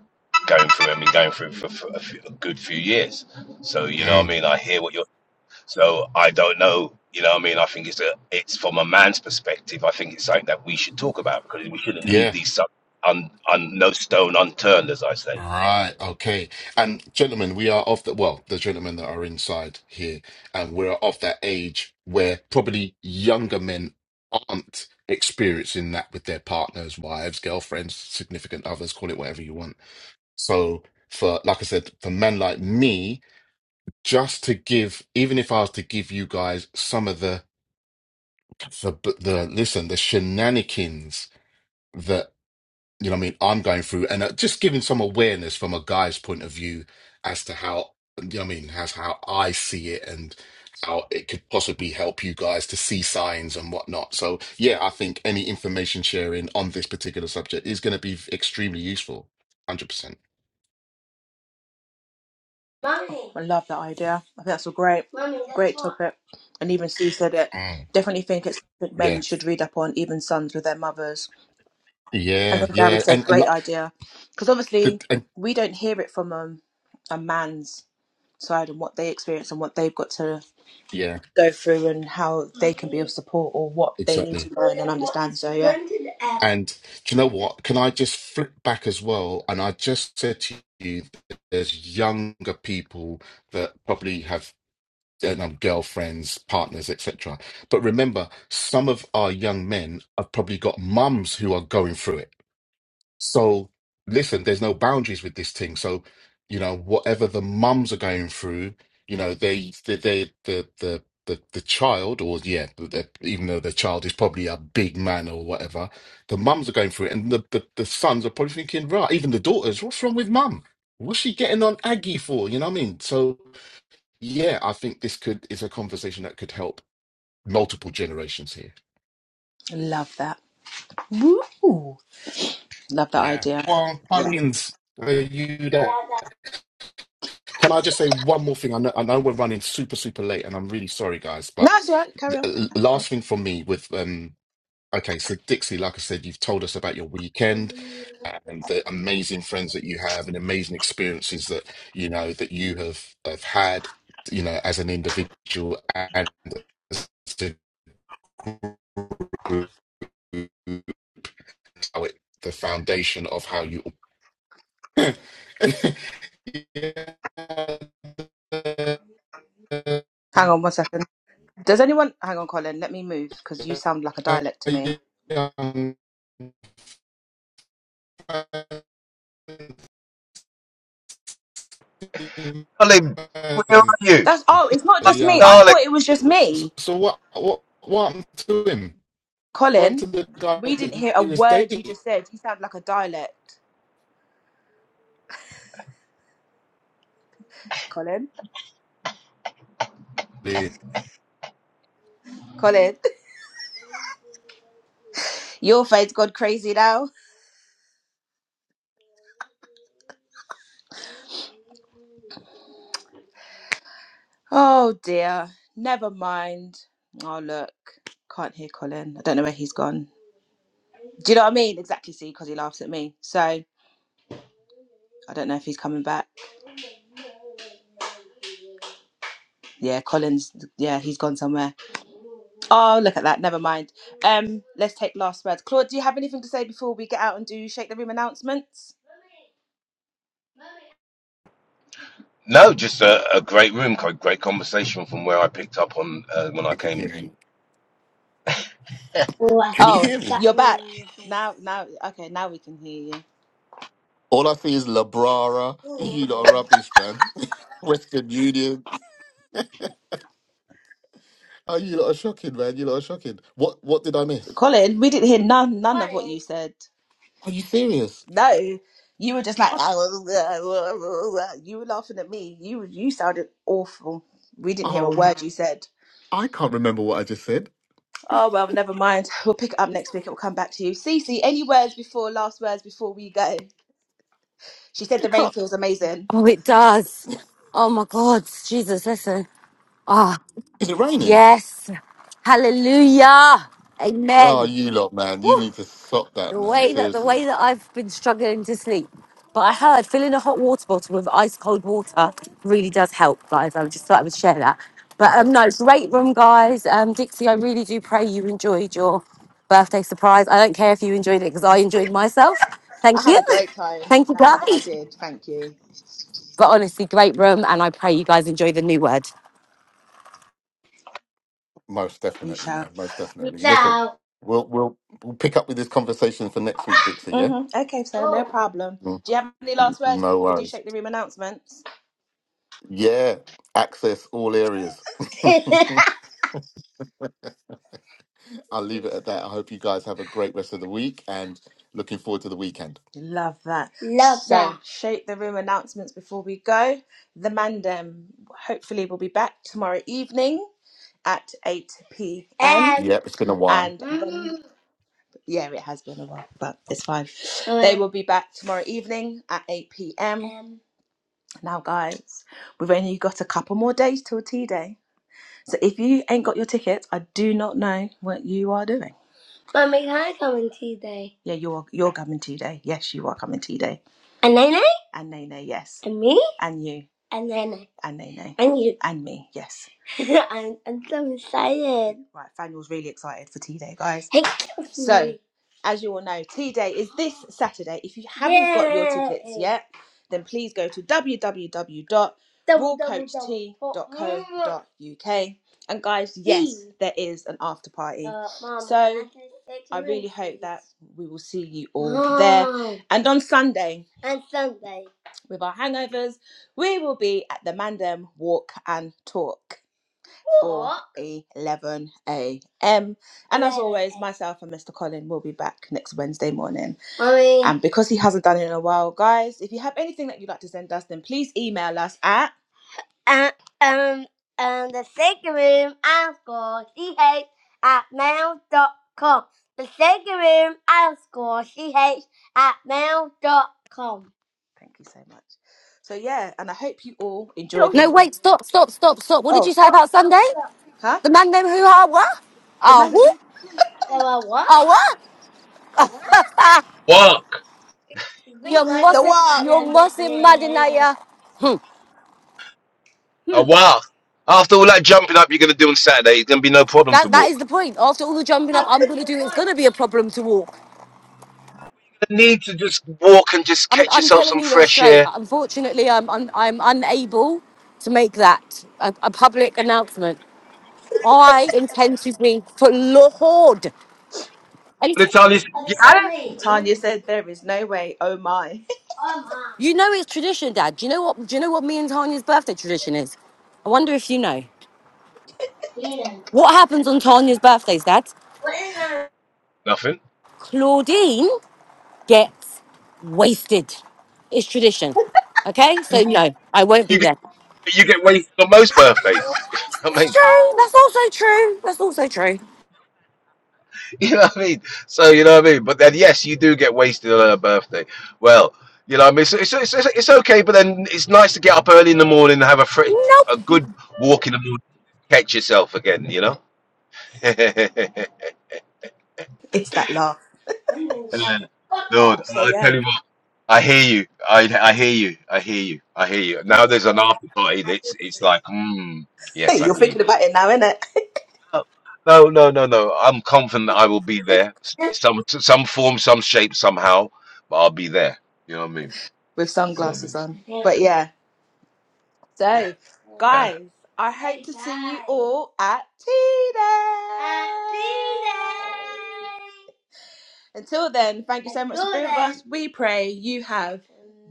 Speaker 4: going through. I mean, going through for, for a, few, a good few years. So you know, what I
Speaker 2: Mm,
Speaker 4: mean, I hear what you're. So I don't know. You know, what I mean, I think it's a. It's from a man's perspective. I think it's something that we should talk about because we shouldn't leave
Speaker 2: yeah.
Speaker 4: these sub un, un no stone unturned, as I say.
Speaker 2: Right. Okay. And gentlemen, we are of the well, the gentlemen that are inside here, and we're of that age where probably younger men aren't experiencing that with their partners, wives, girlfriends, significant others, call it whatever you want. So for like I said, for men like me, just to give, even if I was to give you guys some of the the the listen the shenanigans that you know what I mean I'm going through and uh, just giving some awareness from a guy's point of view as to how you know what I mean as how I see it and how it could possibly help you guys to see signs and whatnot so yeah I think any information sharing on this particular subject is going to be extremely useful 100%
Speaker 1: Mummy. I love that idea. I think that's a great, Mummy, that's great that's what- topic. And even Sue said it.
Speaker 2: Mm.
Speaker 1: Definitely think it's something
Speaker 2: yeah
Speaker 1: men should read up on, even sons with their mothers. I
Speaker 2: yeah
Speaker 1: think Gary
Speaker 2: yeah
Speaker 1: said
Speaker 2: and, and,
Speaker 1: great
Speaker 2: lo-
Speaker 1: idea because obviously
Speaker 2: and
Speaker 1: we don't hear it from um, a man's side and what they experience and what they've got to
Speaker 2: yeah
Speaker 1: go through and how they can be of support or what they need
Speaker 2: exactly
Speaker 1: to learn and understand. So yeah,
Speaker 2: And do you know what? Can I just flip back as well? And I just said to you, that there's younger people that probably have you know, girlfriends, partners, etc. But remember, some of our young men have probably got mums who are going through it. So listen, there's no boundaries with this thing. So, you know, whatever the mums are going through, you know, they, they, they the, the, the, the child, or yeah, the, the- even though the child is probably a big man or whatever, the mums are going through it, and the, the, the sons are probably thinking, right, even the daughters, what's wrong with mum? What's she getting on Aggie for? You know what I mean? So, yeah, I think this could is a conversation that could help multiple generations here.
Speaker 1: love that. Woo! Love that
Speaker 2: Yeah.
Speaker 1: idea.
Speaker 2: Well,
Speaker 1: Yeah.
Speaker 2: Pauline's, are you there? Can I just say one more thing? I know, I know we're running super, super late, and I'm really sorry, guys.
Speaker 1: No,
Speaker 2: But
Speaker 1: it's all right. Carry on.
Speaker 2: l- last thing from me with um, okay, so Dixie, like I said, you've told us about your weekend and the amazing friends that you have, and amazing experiences that you know that you have have had, you know, as an individual and as a group, how it, the foundation of how you.
Speaker 1: Hang on one second. Does anyone hang on, Colin? Let me move
Speaker 2: Yeah.
Speaker 1: because you sound like a dialect to me.
Speaker 2: young
Speaker 4: Darling, where are
Speaker 2: man,
Speaker 4: you,
Speaker 1: That's oh, it's not
Speaker 2: a
Speaker 1: just me. I
Speaker 2: young.
Speaker 4: darling?
Speaker 1: thought it was just
Speaker 2: So,
Speaker 1: me.
Speaker 2: so what? What? What happened to him? What happened
Speaker 1: Colin,
Speaker 2: to the guy
Speaker 1: we didn't
Speaker 2: that
Speaker 1: hear a
Speaker 2: he was
Speaker 1: word you
Speaker 2: dating?
Speaker 1: just said. You sound like a dialect. Colin,
Speaker 2: You
Speaker 1: Colin, your face gone crazy now. Oh dear, never mind. Oh look, can't hear Colin. I don't know where he's gone. Do you know what I mean? Exactly, see, because he laughs at me. So I don't know if he's coming back. Yeah, Colin's. Yeah, he's gone somewhere. Oh, look at that. Never mind. Um, let's take last words. Claude, do you have anything to say before we get out and do shake the room announcements?
Speaker 4: No, just a, a great room, co- great conversation from where I picked up on uh, when I
Speaker 2: can hear
Speaker 4: came.
Speaker 2: me.
Speaker 1: What?
Speaker 2: Can you
Speaker 1: Oh,
Speaker 2: hear me?
Speaker 1: That you're back room with me. now. Now, okay, now we can hear
Speaker 2: All I see is Labrara.
Speaker 1: you,
Speaker 2: You lot are rubbish, man. Western Union. Oh, you lot are shocking, man. You lot are shocking. What What did I miss?
Speaker 1: Colin. We didn't hear none none of what you said.
Speaker 2: Are you serious?
Speaker 1: No, you were just like you were laughing at me. You you sounded awful. We didn't hear a
Speaker 2: Oh,
Speaker 1: word you said.
Speaker 2: I can't remember what I just said.
Speaker 1: Oh well, never mind. We'll pick it up next week. It will come back to you. Cece, any words before last words before we go? She said
Speaker 2: You
Speaker 1: the rain
Speaker 2: can't.
Speaker 1: feels amazing.
Speaker 3: Oh, it does. Oh, my God. Jesus, listen. Ah,
Speaker 2: Is it raining?
Speaker 3: yes. Hallelujah.
Speaker 2: Oh,
Speaker 3: Amen.
Speaker 2: you lot, man. You need to stop that,
Speaker 3: The
Speaker 2: man.
Speaker 3: way that the
Speaker 2: Seriously.
Speaker 3: way that I've been struggling to sleep, but I heard filling a hot water bottle with ice cold water really does help, guys. I just thought I would share that. But
Speaker 2: Okay.
Speaker 3: um, no, great room, guys. Um, Dixie, I really do pray you enjoyed your birthday surprise. I don't care if you enjoyed it because I enjoyed myself.
Speaker 1: I
Speaker 3: Thank you,
Speaker 1: had a great time.
Speaker 3: thank you,
Speaker 1: No, I
Speaker 3: guys.
Speaker 1: did. Thank you.
Speaker 3: But honestly, great room, and I pray you guys enjoy the new word.
Speaker 2: Most
Speaker 1: We
Speaker 2: definitely,
Speaker 1: shall.
Speaker 2: man. Most
Speaker 1: We
Speaker 2: definitely. Listen,
Speaker 1: shall.
Speaker 2: we'll we'll we'll pick up with this conversation for next week, Dixie. Yeah.
Speaker 1: hmm Okay, so no Oh. problem.
Speaker 2: Mm.
Speaker 1: Do you have any last words
Speaker 2: No
Speaker 1: before we do
Speaker 2: worries.
Speaker 1: shake the room announcements?
Speaker 2: Yeah. Access all areas. I'll leave it at that. I hope you guys have a great rest of the week and looking forward to the weekend.
Speaker 1: Love that. Love So, that. shake the room announcements before we go. The Mandem hopefully will be back tomorrow evening at 8 p.m. Um.
Speaker 2: Yep, it's been a while.
Speaker 1: And then, Mm. yeah, it has been a while, but it's fine. Oh, They yeah. will be back tomorrow evening at 8 p.m. Now, guys, we've only got a couple more days till tea day. So if you ain't got your tickets, I do not know what you are doing. Mummy, can I come on tea day? Yeah, you're you're coming tea day. Yes, you are coming tea day. And Nene? And Nene, yes. And me? And you. And Nene. And Nene. And you. And me, yes. I'm, I'm so excited. Right, Faniel's really excited for tea day, guys. Hey, So, as you all know, tea day is this Saturday. If you haven't got your Yeah. tickets yet, then please go to w w w dot raw coach tea dot co. uk. And guys, yes, Mm. there is an after party. Uh, Mum, so I really hope that we will see you all Mom. there. And on Sunday. And Sunday. With our hangovers, we will be at the Mandem Walk and Talk for 11 a.m. And as always, myself and Mr. Colin will be back next Wednesday morning. Mummy. And because he hasn't done it in a while, guys, if you have anything that you'd like to send us, then please email us at and um and the second room and score ch at mail dot com. The second room and score ch at mail dot com. Thank you so much. So yeah, and I hope you all enjoy the.
Speaker 3: No, wait, stop, stop, stop, stop. What did
Speaker 1: Oh,
Speaker 3: you say
Speaker 1: Stop,
Speaker 3: about
Speaker 1: stop,
Speaker 3: Sunday?
Speaker 1: stop. huh?
Speaker 3: The man named Hoo Ha What?
Speaker 1: The
Speaker 3: Ah,
Speaker 1: man.
Speaker 3: who?
Speaker 1: There were what?
Speaker 3: Ah, what?
Speaker 1: The what?
Speaker 4: Walk
Speaker 1: We
Speaker 3: You
Speaker 1: were The
Speaker 3: mustn't,
Speaker 1: what?
Speaker 3: you mustn't madden at
Speaker 4: a walk. After all that jumping up you're gonna do on Saturday, it's gonna be no problem to
Speaker 3: That that is
Speaker 4: walk.
Speaker 3: the point. After all the
Speaker 1: Oh,
Speaker 3: jumping up I'm
Speaker 1: and
Speaker 3: gonna
Speaker 1: the
Speaker 3: do, it's
Speaker 1: point.
Speaker 3: gonna be a problem to walk.
Speaker 4: You need to just walk and just
Speaker 3: I'm
Speaker 4: catch
Speaker 3: I'm
Speaker 4: yourself
Speaker 3: telling
Speaker 4: some
Speaker 3: you that
Speaker 4: fresh
Speaker 3: straight.
Speaker 4: air.
Speaker 3: Unfortunately, I'm I'm, I'm unable to make that a, a public announcement. I intend to be for Lord. And
Speaker 4: By the time you
Speaker 1: Are they
Speaker 4: get out of
Speaker 1: calling me? Tanya said there is no way. Oh my. Oh
Speaker 3: you know
Speaker 1: my.
Speaker 3: it's tradition, Dad. Do you know what? Do you know what me and Tanya's birthday tradition is? I wonder if you know
Speaker 1: Peter.
Speaker 3: what happens on Tanya's birthdays, Dad.
Speaker 1: What is that?
Speaker 4: nothing,
Speaker 3: Claudine gets wasted. It's tradition. Okay,
Speaker 4: and
Speaker 3: so no, I won't
Speaker 4: you
Speaker 3: be
Speaker 4: get
Speaker 3: there.
Speaker 4: you get wasted on most birthdays. I
Speaker 3: It's
Speaker 4: mean.
Speaker 3: true. That's also true. That's also true.
Speaker 4: You know what I mean? So you know what I mean. But then, yes, you do get wasted on her birthday. Well, you know what I mean. So it's, it's, it's, it's okay, but then it's nice to get up early in the morning and have a fr- a
Speaker 3: Nope.
Speaker 4: good walk in the morning, catch yourself again. You know. Man,
Speaker 1: It's that laugh.
Speaker 4: Lord,
Speaker 1: So
Speaker 4: I tell
Speaker 1: yeah.
Speaker 4: you what, I hear you. I I hear you. I hear you. I hear you. Now there's an after party. That's it's like, mm, yes,
Speaker 1: Hey,
Speaker 4: I
Speaker 1: you're
Speaker 4: hear you.
Speaker 1: thinking about it now, innit?
Speaker 4: Oh, No, no, no, no. I'm confident I will be there. S- Some t- some form, some shape, somehow, but I'll be there. You know what I mean?
Speaker 1: With
Speaker 4: You know what I
Speaker 1: sunglasses
Speaker 4: mean? So,
Speaker 1: on. But yeah. So,
Speaker 4: yeah.
Speaker 1: guys, I hope to see you all at tea day. Until then, thank you so much for being with us. We pray you have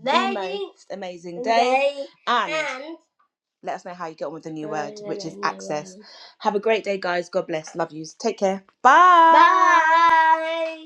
Speaker 1: the most amazing day. And Let us know how you get on with the new Yeah, word, yeah, which yeah, is no access. Have a great day, guys. God bless. Love yous. Take care. Bye. Bye.